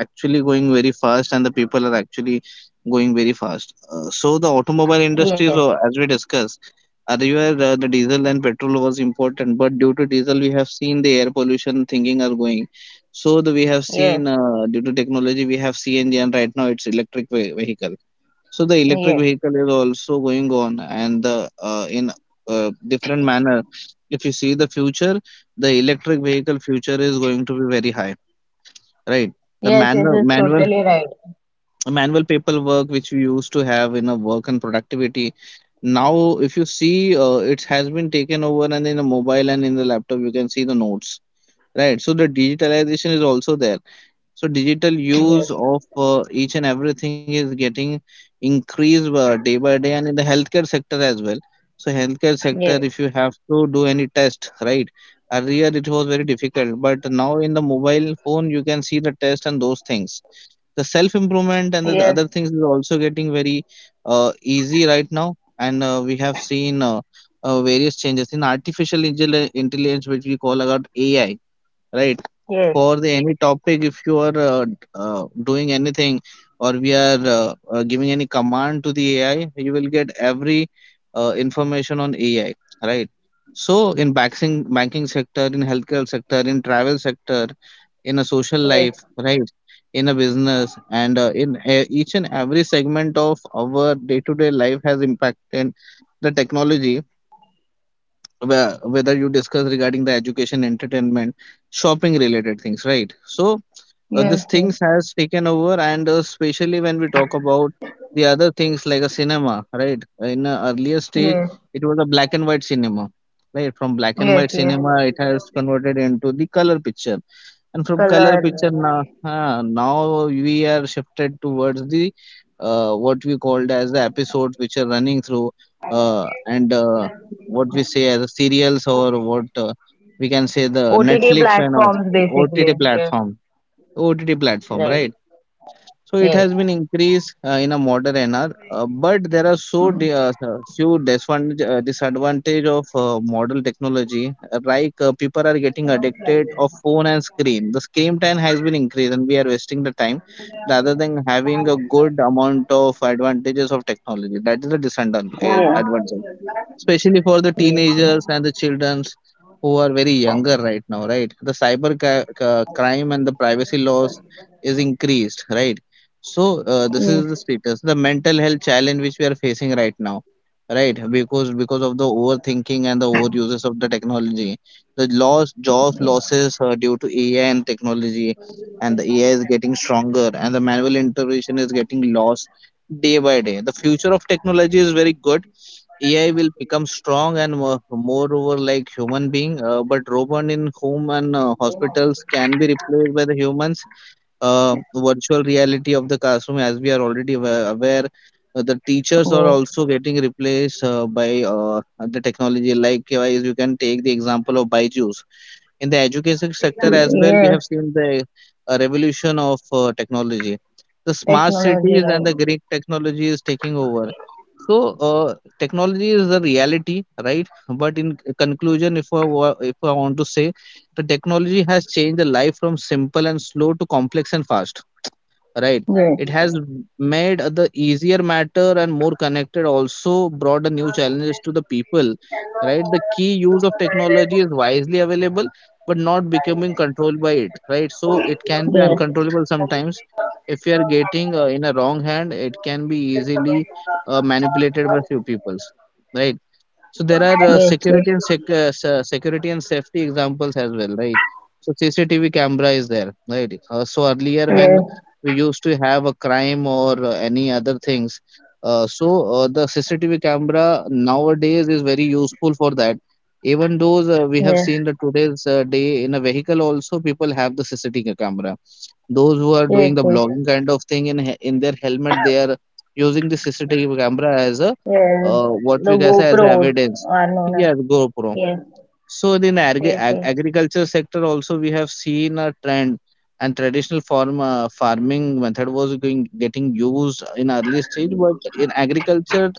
[SPEAKER 2] actually going very fast and the people are actually going very fast. So the automobile
[SPEAKER 1] Yes,
[SPEAKER 2] industry, so as we discussed, earlier the diesel and petrol was important, but due to diesel we have seen the air pollution thinking are going. So the, we have
[SPEAKER 1] yes,
[SPEAKER 2] seen due to technology we have CNG and right now it's electric vehicle. So the
[SPEAKER 1] yes,
[SPEAKER 2] electric vehicle is also going on and the in different manner. If you see the future, the electric vehicle future is going to be very high, right? the
[SPEAKER 1] yes, yes,
[SPEAKER 2] manual
[SPEAKER 1] yes,
[SPEAKER 2] manual
[SPEAKER 1] totally right.
[SPEAKER 2] the manual paperwork which we used to have in a work and productivity now if you see it has been taken over and in a mobile and in the laptop you can see the notes right so the digitalization is also there so digital use
[SPEAKER 1] Yes.
[SPEAKER 2] of each and everything is getting increased day by day and in the healthcare sector as well so healthcare sector
[SPEAKER 1] Yes,
[SPEAKER 2] if you have to do any test right earlier it was very difficult but now in the mobile phone you can see the test and those things the self improvement and the
[SPEAKER 1] yes,
[SPEAKER 2] other things is also getting very easy right now and we have seen various changes in artificial intelligence which we call about AI right
[SPEAKER 1] yes,
[SPEAKER 2] for the any topic if you are doing anything or we are giving any command to the AI you will get every information on AI right so in banking sector in healthcare sector in travel sector in a social
[SPEAKER 1] yes.
[SPEAKER 2] life right in a business and in each and every segment of our day to day life has impacted the technology whether you discuss regarding the education entertainment shopping related things right so
[SPEAKER 1] Yes,
[SPEAKER 2] these things has taken over and especially when we talk about the other things like a cinema right in a earlier stage
[SPEAKER 1] yes, yes,
[SPEAKER 2] it was a black and white cinema right from black and
[SPEAKER 1] yes,
[SPEAKER 2] white
[SPEAKER 1] yes.
[SPEAKER 2] cinema it has converted into the color picture and from
[SPEAKER 1] Color,
[SPEAKER 2] color picture now, now we are shifted towards the what we called as the episodes which are running through and what we say as the serials or what we can say the
[SPEAKER 1] OTT
[SPEAKER 2] netflix and our
[SPEAKER 1] platforms
[SPEAKER 2] ott
[SPEAKER 1] basically. Yes.
[SPEAKER 2] platform ott platform
[SPEAKER 1] Right.
[SPEAKER 2] right so it
[SPEAKER 1] Yes.
[SPEAKER 2] has been increased in a modern era, but there are so few disadvantage of modern technology. Like people are getting addicted of phone and screen. The screen time has been increased, and we are wasting the time rather than having a good amount of advantages of technology. That is the disadvantage
[SPEAKER 1] Yes. Yes,
[SPEAKER 2] especially for the
[SPEAKER 1] yes.
[SPEAKER 2] teenagers and the childrens who are very younger right now right the cyber crime and the privacy laws is increased right so this
[SPEAKER 1] Yes.
[SPEAKER 2] is the status the mental health challenge which we are facing right now right because of the overthinking and the overuses of the technology the loss job losses due to AI and technology and the AI is getting stronger and the manual intervention is getting lost day by day the future of technology is very good. AI will become strong and moreover like human being, but robot in home and hospitals can be replaced by the humans. Virtual reality of the classroom, as we are already aware, the teachers are
[SPEAKER 1] Yes.
[SPEAKER 2] also getting replaced by the technology. Like you can take the example of Byju's in the education sector as well. We
[SPEAKER 1] Yes.
[SPEAKER 2] have seen the revolution of technology, the smart
[SPEAKER 1] Technology
[SPEAKER 2] cities,
[SPEAKER 1] right.
[SPEAKER 2] and the great technology is taking over. So uh, technology is a reality, right? But in conclusion, if I want to say, the technology has changed the life from simple and slow to complex and fast, right?
[SPEAKER 1] Yes.
[SPEAKER 2] It has made the easier matter and more connected, also brought a new challenges to the people, right? The key use of technology is wisely available but not becoming controlled by it, right? So it can be
[SPEAKER 1] Yes,
[SPEAKER 2] uncontrollable sometimes. If you are getting in a wrong hand, it can be easily manipulated by few peoples, right? So there are
[SPEAKER 1] yes, yes,
[SPEAKER 2] security and safety examples as well, right? So CCTV camera is there, right? So earlier when
[SPEAKER 1] yes,
[SPEAKER 2] we used to have a crime or any other things, the CCTV camera nowadays is very useful for that. Even though we have
[SPEAKER 1] yes,
[SPEAKER 2] seen that today's day in a vehicle also people have the CCTV camera. Those who are
[SPEAKER 1] yes,
[SPEAKER 2] doing the
[SPEAKER 1] yes,
[SPEAKER 2] blogging kind of thing in their helmet, they are using the CCTV camera as a
[SPEAKER 1] yes.
[SPEAKER 2] what
[SPEAKER 1] The
[SPEAKER 2] we can say, as a
[SPEAKER 1] GoPros
[SPEAKER 2] evidence.
[SPEAKER 1] are known as,
[SPEAKER 2] Yes, GoPro.
[SPEAKER 1] yes,
[SPEAKER 2] So in
[SPEAKER 1] yes, yes,
[SPEAKER 2] agriculture sector also we have seen a trend, and traditional farming method was going getting used in early stage. But in agriculture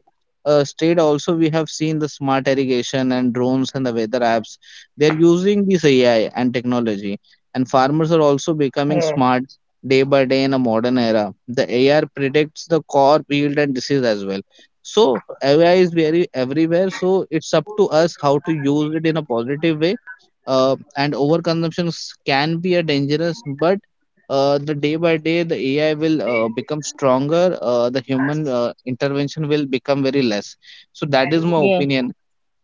[SPEAKER 2] state also we have seen the smart irrigation and drones and the weather apps. They are using this AI and technology, and farmers are also becoming
[SPEAKER 1] yes,
[SPEAKER 2] smart day by day. In a modern era, the AR predicts the crop yield and disease as well. So AI is very everywhere. So it's up to us how to use it in a positive way. And overconsumption can be a dangerous, but the day by day the AI will become stronger. The human intervention will become very less. So that is my
[SPEAKER 1] yes,
[SPEAKER 2] opinion.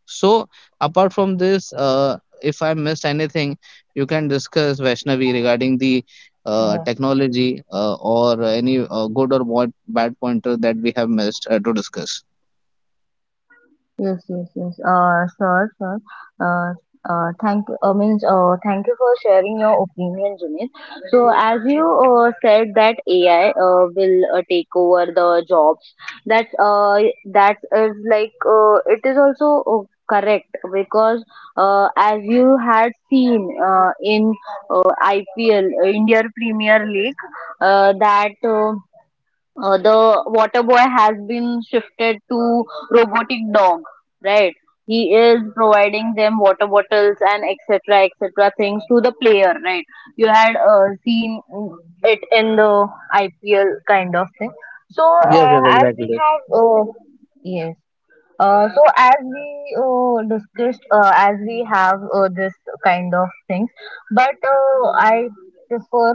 [SPEAKER 2] So apart from this, if I missed anything, you can discuss Vaishnavi regarding the
[SPEAKER 1] yes.
[SPEAKER 2] technology or any good or bad pointer that we have missed to discuss.
[SPEAKER 1] Yes, yes, yes. Sure, sure. Uh, Thank you for sharing your opinion, Junaid. So as you said that AI will take over the jobs. That's uh, that is like it is also correct, because as you had seen in IPL, India Premier League, that. The water boy has been shifted to robotic dog, right? He is providing them water bottles and etc etc things to the player, right? You had seen it in the IPL kind of thing. So
[SPEAKER 2] Yes, yes,
[SPEAKER 1] as we
[SPEAKER 2] exactly.
[SPEAKER 1] have yes, so as we discussed, as we have this kind of things, but I prefer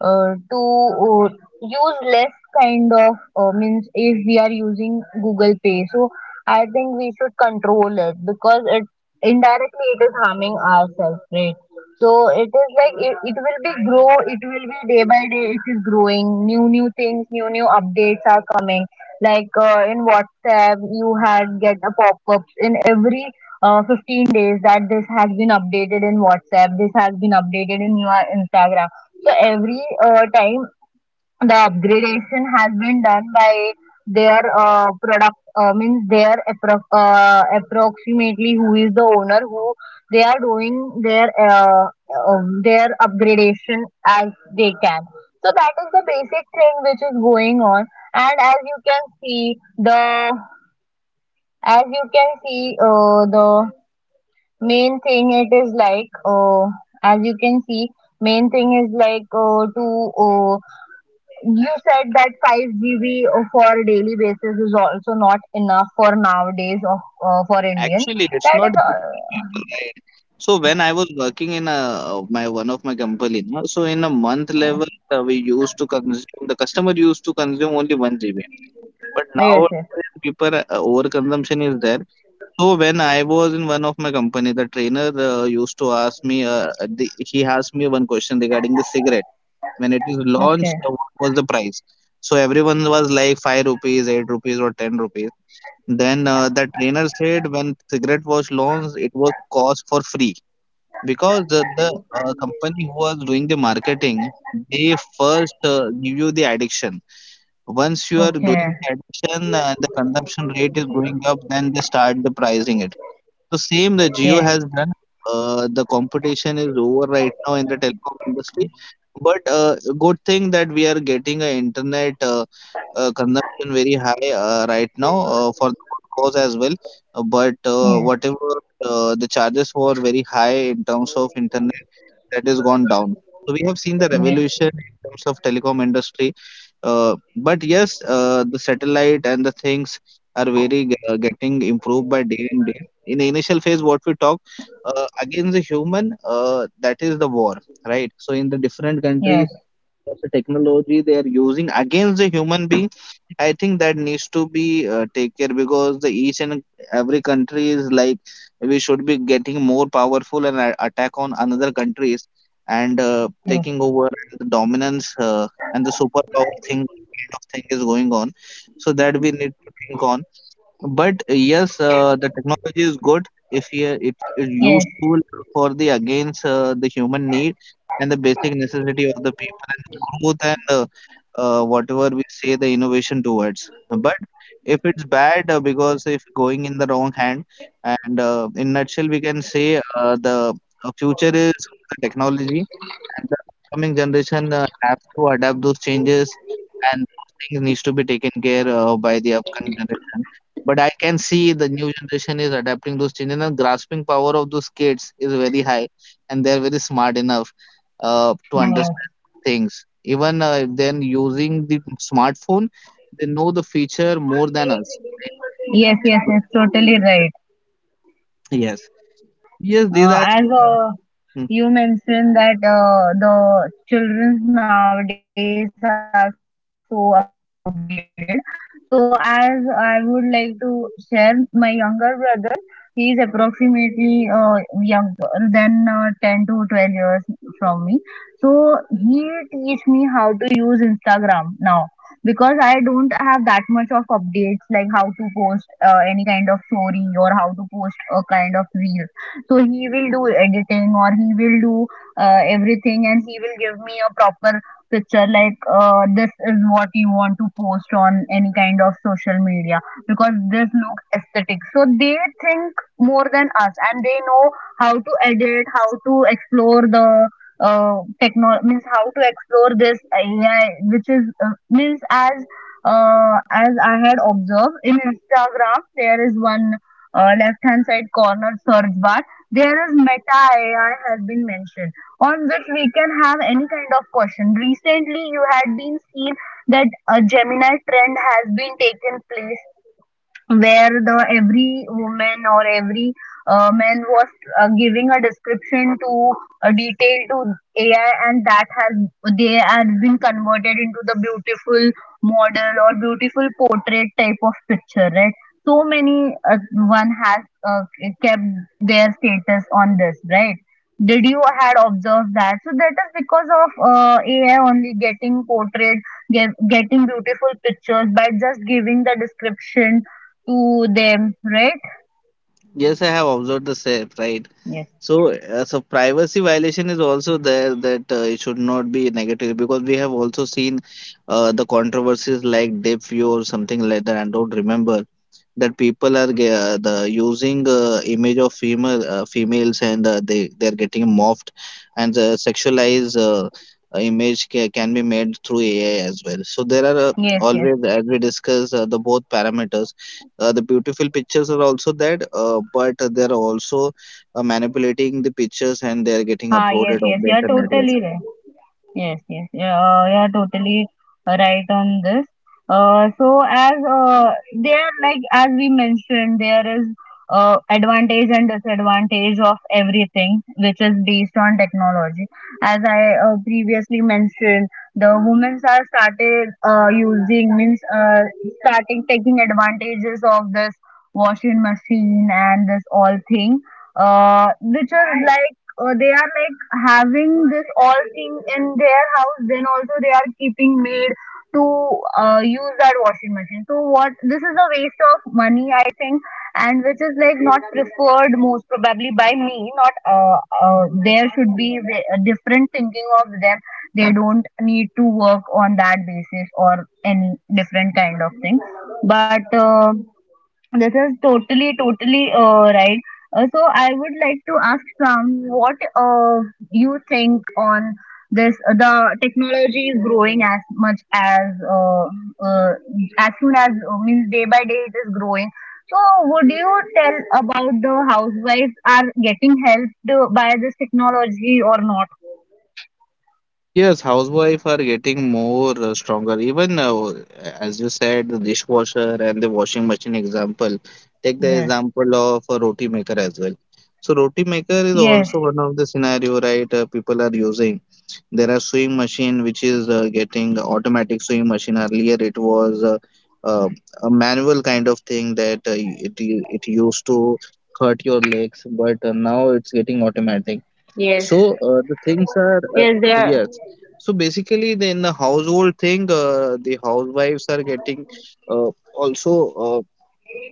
[SPEAKER 1] to uh, use less kind of means, if we are using Google Pay. So I think we should control it, because it, indirectly it is harming ourselves, right? So it is like it will be grow, it will be, day by day it is growing, new new things, new new updates are coming, like in WhatsApp, you had get a pop-ups in every 15 days, that this has been updated in WhatsApp, this has been updated in your Instagram. So every time the upgradation has been done by their product approximately who is the owner who, they are doing their upgradation as they can. So that is the basic thing which is going on. And as you can see the, as you can see the main thing it is like as you can see main thing is like to you said that 5 GB for daily basis is also not enough for nowadays of for Indians.
[SPEAKER 2] Actually, it's
[SPEAKER 1] That is
[SPEAKER 2] not enough for people, right? So when I was working in a, my one of my company, no? So in a month level, we used to consume the customer used to consume only one GB. But
[SPEAKER 1] yes, yes.
[SPEAKER 2] nowadays, people overconsumption is there. So when I was in one of my company, the trainer used to ask me. He asked me one question regarding the cigarette. When it is launched,
[SPEAKER 1] Okay,
[SPEAKER 2] what was the price? So everyone was like five rupees, eight rupees, or ten rupees. Then the trainer said, when cigarette was launched, it was cost for free because the company who was doing the marketing, they first give you the addiction. Once you are doing
[SPEAKER 1] okay,
[SPEAKER 2] the addiction and the consumption rate is going up, then they start the pricing it. The same that Geo
[SPEAKER 1] yes,
[SPEAKER 2] has done. The competition is over right now in the telecom industry, but good thing that we are getting a internet consumption very high right now for the good cause as well. But
[SPEAKER 1] yes,
[SPEAKER 2] whatever the charges were very high in terms of internet, that is gone down. So we have seen the
[SPEAKER 1] yes,
[SPEAKER 2] revolution in terms of telecom industry. But yes, the satellite and the things are very getting improved by day and day. In the initial phase what we talk against the human, that is the war, right? So in the different countries,
[SPEAKER 1] yes, yes,
[SPEAKER 2] what the technology they are using against the human being, I think that needs to be take care, because the each and every country is like, we should be getting more powerful and attack on another countries and taking over and the dominance and the superpower thing kind of thing is going on. So that we need to think on. But yes, the technology is good if you- it's
[SPEAKER 1] yes,
[SPEAKER 2] useful for the against the human need and the basic necessity of the people and the growth and the whatever we say the innovation towards. But if it's bad because if going in the wrong hand. And in nutshell we can say the future is for the technology and the upcoming generation have to adapt those changes, and those things needs to be taken care by the upcoming generation. But I can see the new generation is adapting those changes and the grasping power of those kids is very high, and they're very smart enough to
[SPEAKER 1] yes,
[SPEAKER 2] understand those things. Even then, using the smartphone, they know the feature more than us, right? When
[SPEAKER 1] yes,
[SPEAKER 2] they're
[SPEAKER 1] yes, yes,
[SPEAKER 2] using those kind of
[SPEAKER 1] totally
[SPEAKER 2] feature.
[SPEAKER 1] right.
[SPEAKER 2] Yes. Yes, these are
[SPEAKER 1] As
[SPEAKER 2] the. mm,
[SPEAKER 1] you mentioned that the children nowadays are so upgraded. So as I would like to share, my younger brother, he is approximately younger than 10 to 12 years from me. So he teach me how to use Instagram now because I don't have that much of updates like how to post any kind of story or how to post a kind of reel, so he will do editing or he will do everything, and he will give me a proper picture like this is what you want to post on any kind of social media because this looks aesthetic. So they think more than us, and they know how to edit, how to explore the techno means how to explore this AI, which is means as I had observed in Instagram. There is one left hand side corner search bar, there is Meta AI has been mentioned, on which we can have any kind of question. Recently, you had been seen that a Gemini trend has been taken place where the every woman or every man was giving a description to a detail to AI, and that has they have been converted into the beautiful model or beautiful portrait type of picture, right? So many one has uh, kept their status on this, right? Did you had observed that? So that is because of AI only getting portrait, getting beautiful pictures by just giving the description to them, right?
[SPEAKER 2] yes, I have observed the same, right?
[SPEAKER 1] Yes.
[SPEAKER 2] So, so privacy violation is also there, that it should not be negative, because we have also seen the controversies like deepfake or something like that. I don't remember that people are ge- the using image of females, and they are getting morphed and the sexualized image can be made through AI as well. So there are
[SPEAKER 1] Yes, yes.
[SPEAKER 2] always, as we discuss, the both parameters. The beautiful pictures are also there, but there are also manipulating the pictures and they are getting
[SPEAKER 1] Ah, yes,
[SPEAKER 2] uploaded on
[SPEAKER 1] yes.
[SPEAKER 2] the
[SPEAKER 1] You're
[SPEAKER 2] internet. Yes,
[SPEAKER 1] totally right. Yes, yes. Yeah, you totally right on this. So as there, like as we mentioned, there is advantage and disadvantage of everything, which is based on technology. As I previously mentioned, the women are started using means starting taking advantages of this washing machine and this all thing, which is like they are like having this all thing in their house, then also they are keeping maid to use that washing machine. So what, this is a waste of money, I think, and which is like not preferred most probably by me. Not, there should be a different thinking of them. They don't need to work on that basis or any different kind of thing. But this is totally, totally right. So I would like to ask Sam, what you think on this? The technology is growing as much uh, uh, as soon as means day by day it is growing. So would you tell about the housewives are getting helped by this technology or not?
[SPEAKER 2] yes. Housewife are getting more stronger. Even as you said, the dishwasher and the washing machine example, take the
[SPEAKER 1] Yes.
[SPEAKER 2] example of a roti maker as well. So roti maker is also
[SPEAKER 1] Yes.
[SPEAKER 2] one of the scenario, right? People are using. There are sewing machine which is getting automatic sewing machine. Earlier it was uh, a manual kind of thing, that it used to hurt your legs, but now it's getting automatic.
[SPEAKER 1] Yes,
[SPEAKER 2] So uh, the things
[SPEAKER 1] yes, they
[SPEAKER 2] are
[SPEAKER 1] are.
[SPEAKER 2] uh, Yes. So basically, the, in the household thing, the housewives are getting also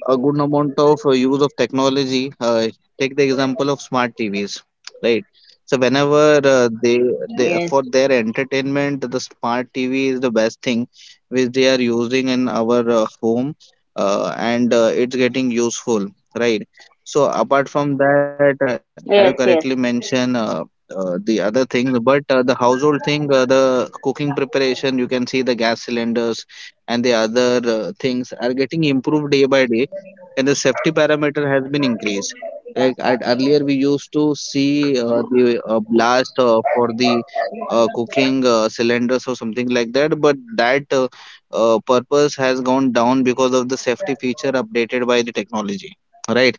[SPEAKER 2] uh, a good amount of use of technology. Take the example of smart TVs, right? So whenever uh,
[SPEAKER 1] Yes,
[SPEAKER 2] they they for their entertainment, the smart TV is the best thing which they are using in our home, and it's getting useful, right? So apart from
[SPEAKER 1] yes, yes,
[SPEAKER 2] that, as you correctly mentioned. The other things, but the household thing, the cooking preparation, you can see the gas cylinders and the other things are getting improved day by day, and the safety parameter has been increased. Earlier, we used to see the blast for the cooking cylinders or something like that, but that purpose has gone down because of the safety feature updated by the technology, right?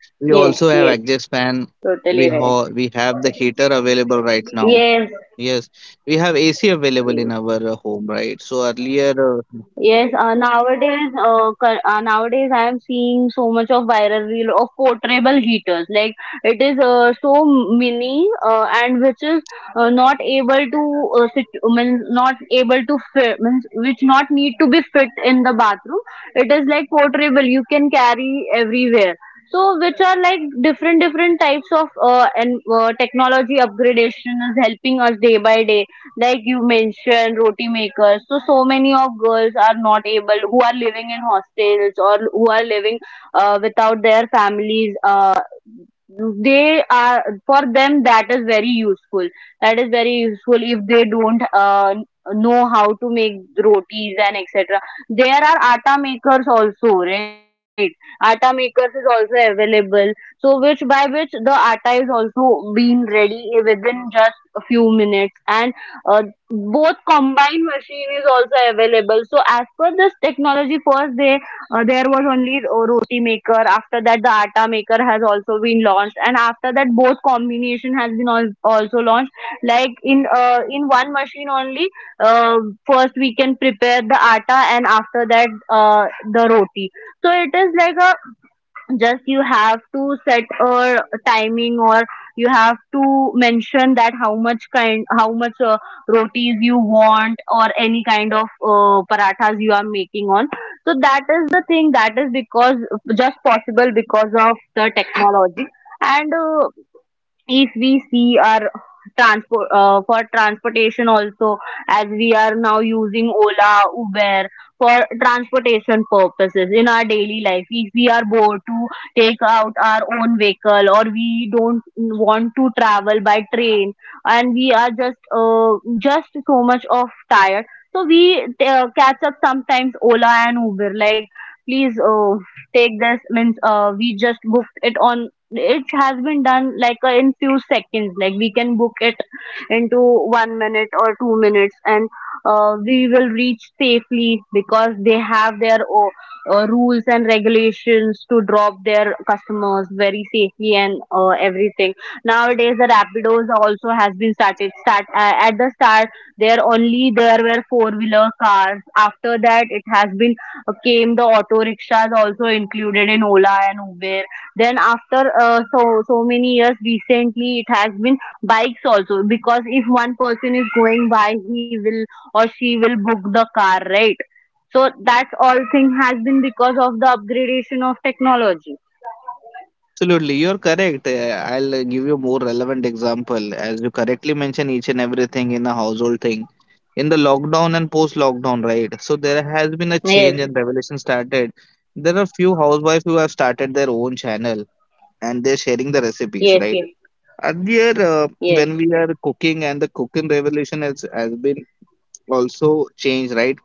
[SPEAKER 1] yes,
[SPEAKER 2] We
[SPEAKER 1] yes.
[SPEAKER 2] also have exhaust fan.
[SPEAKER 1] Totally right.
[SPEAKER 2] We have the heater available right now.
[SPEAKER 1] Yes.
[SPEAKER 2] Yes, we have AC available in our home, right?
[SPEAKER 1] Yes, nowadays I am seeing so much of viral reel of portable heaters. Like, it is so mini and which is not able to sit, means not able to fit, means which not need to be fit in the bathroom. It is like portable. You can carry everywhere. So which are like different different types of and technology upgradation is helping us day by day. Like you mentioned roti makers, so so many of girls are not able, who are living in hostels or who are living without their families. They are, for them that is very useful, that is very useful if they don't know how to make rotis and etc. There are atta makers also, right? Atta makers is also available, so which by which the atta is also being ready within just a few minutes, and uh, both combined machine is also available. So as per this technology, first they there was only roti maker, after that the atta maker has also been launched, and after that both combination has been also launched. Like in one machine only, uh, first we can prepare the atta, and after that the roti. So it is like a, just you have to set a timing, or you have to mention that how much kind, how much rotis you want or any kind of parathas you are making on. So that is the thing, that is because just possible because of the technology. And if we see our transport, for transportation also, as we are now using Ola, Uber for transportation purposes in our daily life, if we are bored to take out our own vehicle or we don't want to travel by train, and we are just so much of tired, so we catch up sometimes Ola and Uber, like, please take this, means we just booked it on. It has been done like in few seconds, like we can book it into 1 minute or 2 minutes, and we will reach safely because they have their rules and regulations to drop their customers very safely and everything. Nowadays the Rapidos also has been started, start at the start there, only there were four wheeler cars, after that it has been came, the auto rickshaws also included in Ola and Uber, then after so so many years, recently it has been bikes also, because if one person is going by, he will or she will book the car, right? So that's all thing has been because of the upgradation of technology.
[SPEAKER 2] Absolutely, you're correct. I'll give you more relevant example. As you correctly mentioned, each and everything in a household thing, in the lockdown and post-lockdown, right? So there has been a
[SPEAKER 1] Yes,
[SPEAKER 2] change and revolution started. There are few housewives who have started their own channel and they're sharing the
[SPEAKER 1] yes, yes,
[SPEAKER 2] recipes, right? Earlier, when we are cooking and the cooking revolution has been also changed, right?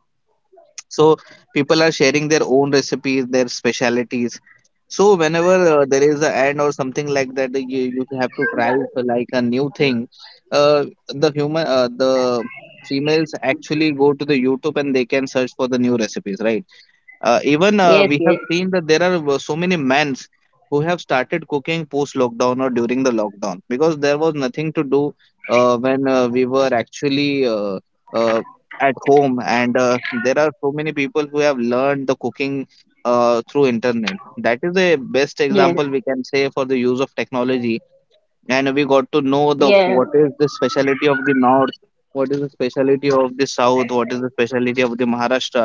[SPEAKER 2] So people are sharing their own recipes, their specialities. So whenever there is a ad or something like that, you have to try like a new thing. Uh, the human uh, the females actually go to the YouTube and they can search for the new recipes, right? Even
[SPEAKER 1] yes,
[SPEAKER 2] We
[SPEAKER 1] yes,
[SPEAKER 2] have seen that there are so many mans who have started cooking post lockdown or during the lockdown, because there was nothing to do when we were actually uh, at home. And there are so many people who have learned the cooking through internet. That is the best
[SPEAKER 1] yes,
[SPEAKER 2] example we can say for the use of technology. And we got to know the,
[SPEAKER 1] yes,
[SPEAKER 2] what
[SPEAKER 1] yes,
[SPEAKER 2] is the speciality of the north, what is the speciality of the south, what is the speciality of the Maharashtra.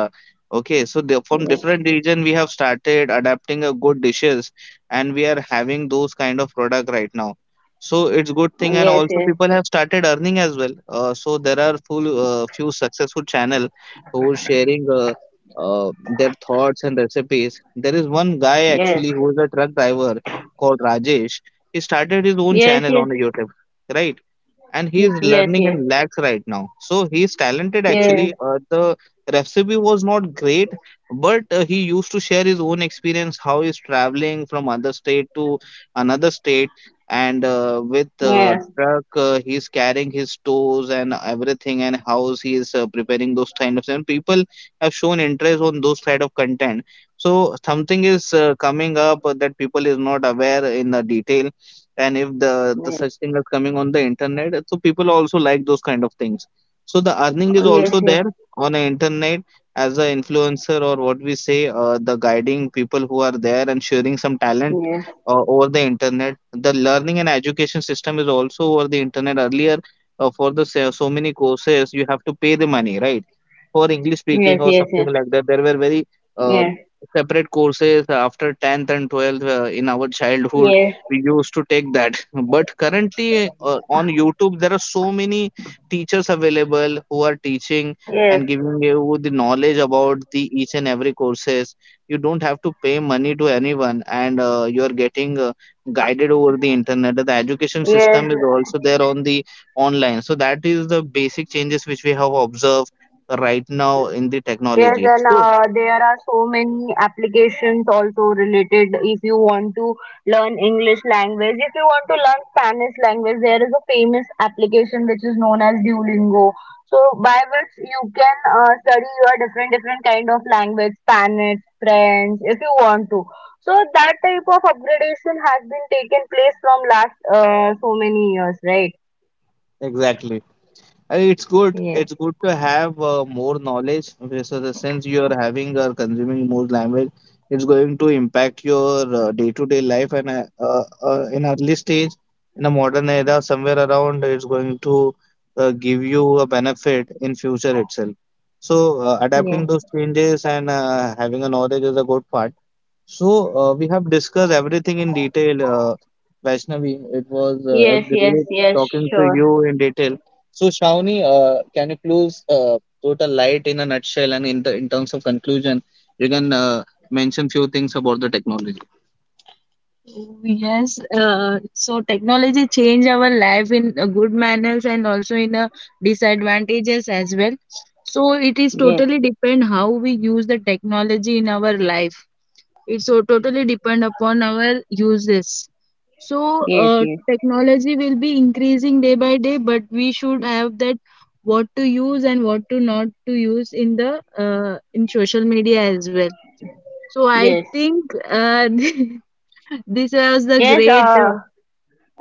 [SPEAKER 2] Okay, so the, from
[SPEAKER 1] yes,
[SPEAKER 2] different region, we have started adapting a good dishes, and we are having those kind of product right now. So it's good thing. And
[SPEAKER 1] yes,
[SPEAKER 2] also
[SPEAKER 1] yes.
[SPEAKER 2] people have started earning as well. So there are full few successful channel who's sharing their thoughts and recipes. There is one guy
[SPEAKER 1] Yes.
[SPEAKER 2] actually who is a truck driver called Rajesh. He started his own
[SPEAKER 1] Yes,
[SPEAKER 2] channel
[SPEAKER 1] yes.
[SPEAKER 2] on YouTube, right? And he is
[SPEAKER 1] Yes,
[SPEAKER 2] learning
[SPEAKER 1] yes.
[SPEAKER 2] and lags right now. So he is talented actually.
[SPEAKER 1] Yes.
[SPEAKER 2] The recipe was not great, but he used to share his own experience how he's traveling from other state to another state. And with
[SPEAKER 1] Yes.
[SPEAKER 2] truck, he's carrying his stores and everything, and how he is preparing those kind of things. People have shown interest on those kind of content. So something is coming up that people is not aware in the detail, and if the
[SPEAKER 1] Yes.
[SPEAKER 2] such thing is coming on the internet, so people also like those kind of things. So the earning is
[SPEAKER 1] Oh, yes,
[SPEAKER 2] also
[SPEAKER 1] yes.
[SPEAKER 2] there on the internet as an influencer, or what we say, the guiding people who are there and sharing some talent
[SPEAKER 1] Yes.
[SPEAKER 2] over the internet. The learning and education system is also over the internet earlier. For the so many courses you have to pay the money, right? For english
[SPEAKER 1] Yes,
[SPEAKER 2] speaking or
[SPEAKER 1] yes, yes.
[SPEAKER 2] something like that, there were very uh,
[SPEAKER 1] Yes.
[SPEAKER 2] separate courses after 10th and 12th in our childhood.
[SPEAKER 1] Yes.
[SPEAKER 2] We used to take that, but currently on youtube there are so many teachers available who are teaching
[SPEAKER 1] Yes.
[SPEAKER 2] and giving you the knowledge about the each and every courses. You don't have to pay money to anyone, and you are getting guided over the internet. The education
[SPEAKER 1] Yes.
[SPEAKER 2] system is also there on the online. So that is the basic changes which we have observed right now in the
[SPEAKER 1] Yes,
[SPEAKER 2] technology.
[SPEAKER 1] and
[SPEAKER 2] So
[SPEAKER 1] there are so many applications also related. If you want to learn English language, if you want to learn Spanish language, there is a famous application which is known as Duolingo. So by which you can study your different different kind of language, Spanish, French, if you want to. So that type of upgradation has been taken place from last so many years, right?
[SPEAKER 2] exactly. It's good.
[SPEAKER 1] Yes.
[SPEAKER 2] It's good to have more knowledge. Okay, so the sense you are having or consuming more language, it's going to impact your day to day life. And in early stage, in a modern era, somewhere around, it's going to give you a benefit in future itself. So adapting those
[SPEAKER 1] Yes,
[SPEAKER 2] changes and having a knowledge is a good part. So, we have discussed everything in detail, Vaishnavi. It was a
[SPEAKER 1] yes, yes,
[SPEAKER 2] great
[SPEAKER 1] yes,
[SPEAKER 2] talking to
[SPEAKER 1] sure.
[SPEAKER 2] you in detail. So, Shauni, can you please put a light in a nutshell and in the in terms of conclusion, you can mention few things about the technology. Yes, so technology change our life in a good manners and also in a disadvantages as well. So it is
[SPEAKER 1] Yes,
[SPEAKER 2] totally depend how we use the technology in our life. It's so totally depend upon our uses. So
[SPEAKER 1] yes, yes.
[SPEAKER 2] technology will be increasing day by day, but we should have that what to use and what to not to use in the in social media as well. So I
[SPEAKER 1] Yes.
[SPEAKER 2] think [LAUGHS] this was the
[SPEAKER 1] Yes,
[SPEAKER 2] great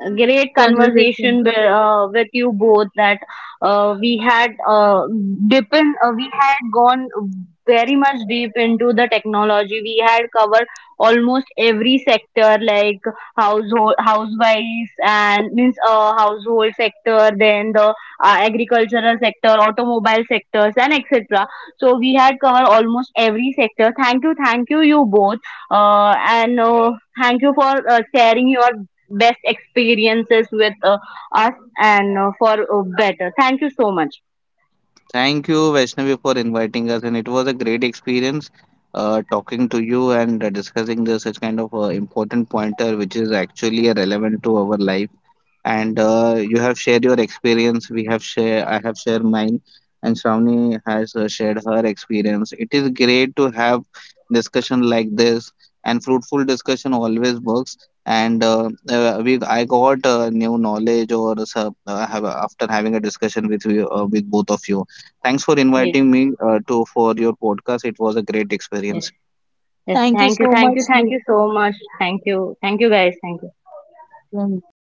[SPEAKER 1] a great
[SPEAKER 2] conversation.
[SPEAKER 1] conversation with you both, that uh, we had uh, we had gone very much deep into the technology. We had covered almost every sector, like household, housewives, and means household sector, then the agricultural sector, automobile sectors, and etc. So we had covered almost every sector. Thank you, you both, and thank you for sharing your best experiences with us, and for better. Thank you so much.
[SPEAKER 2] Thank you, Vaishnavi, for inviting us, and it was a great experience talking to you and discussing this such kind of important pointer, which is actually relevant to our life. And you have shared your experience. We have share i have shared mine, and Shravani has shared her experience. It is great to have discussion like this, and fruitful discussion always works. And we I got new knowledge. After having a discussion with you, with both of you, thanks for
[SPEAKER 1] Yes,
[SPEAKER 2] inviting me to for your podcast. It was a great
[SPEAKER 1] yes,
[SPEAKER 2] experience.
[SPEAKER 1] yes.
[SPEAKER 2] Thank you
[SPEAKER 1] Thank you,
[SPEAKER 2] so
[SPEAKER 1] thank
[SPEAKER 2] much.
[SPEAKER 1] you, thank
[SPEAKER 2] Ruth.
[SPEAKER 1] you so much. Thank you, guys. Thank you.
[SPEAKER 2] Thank you.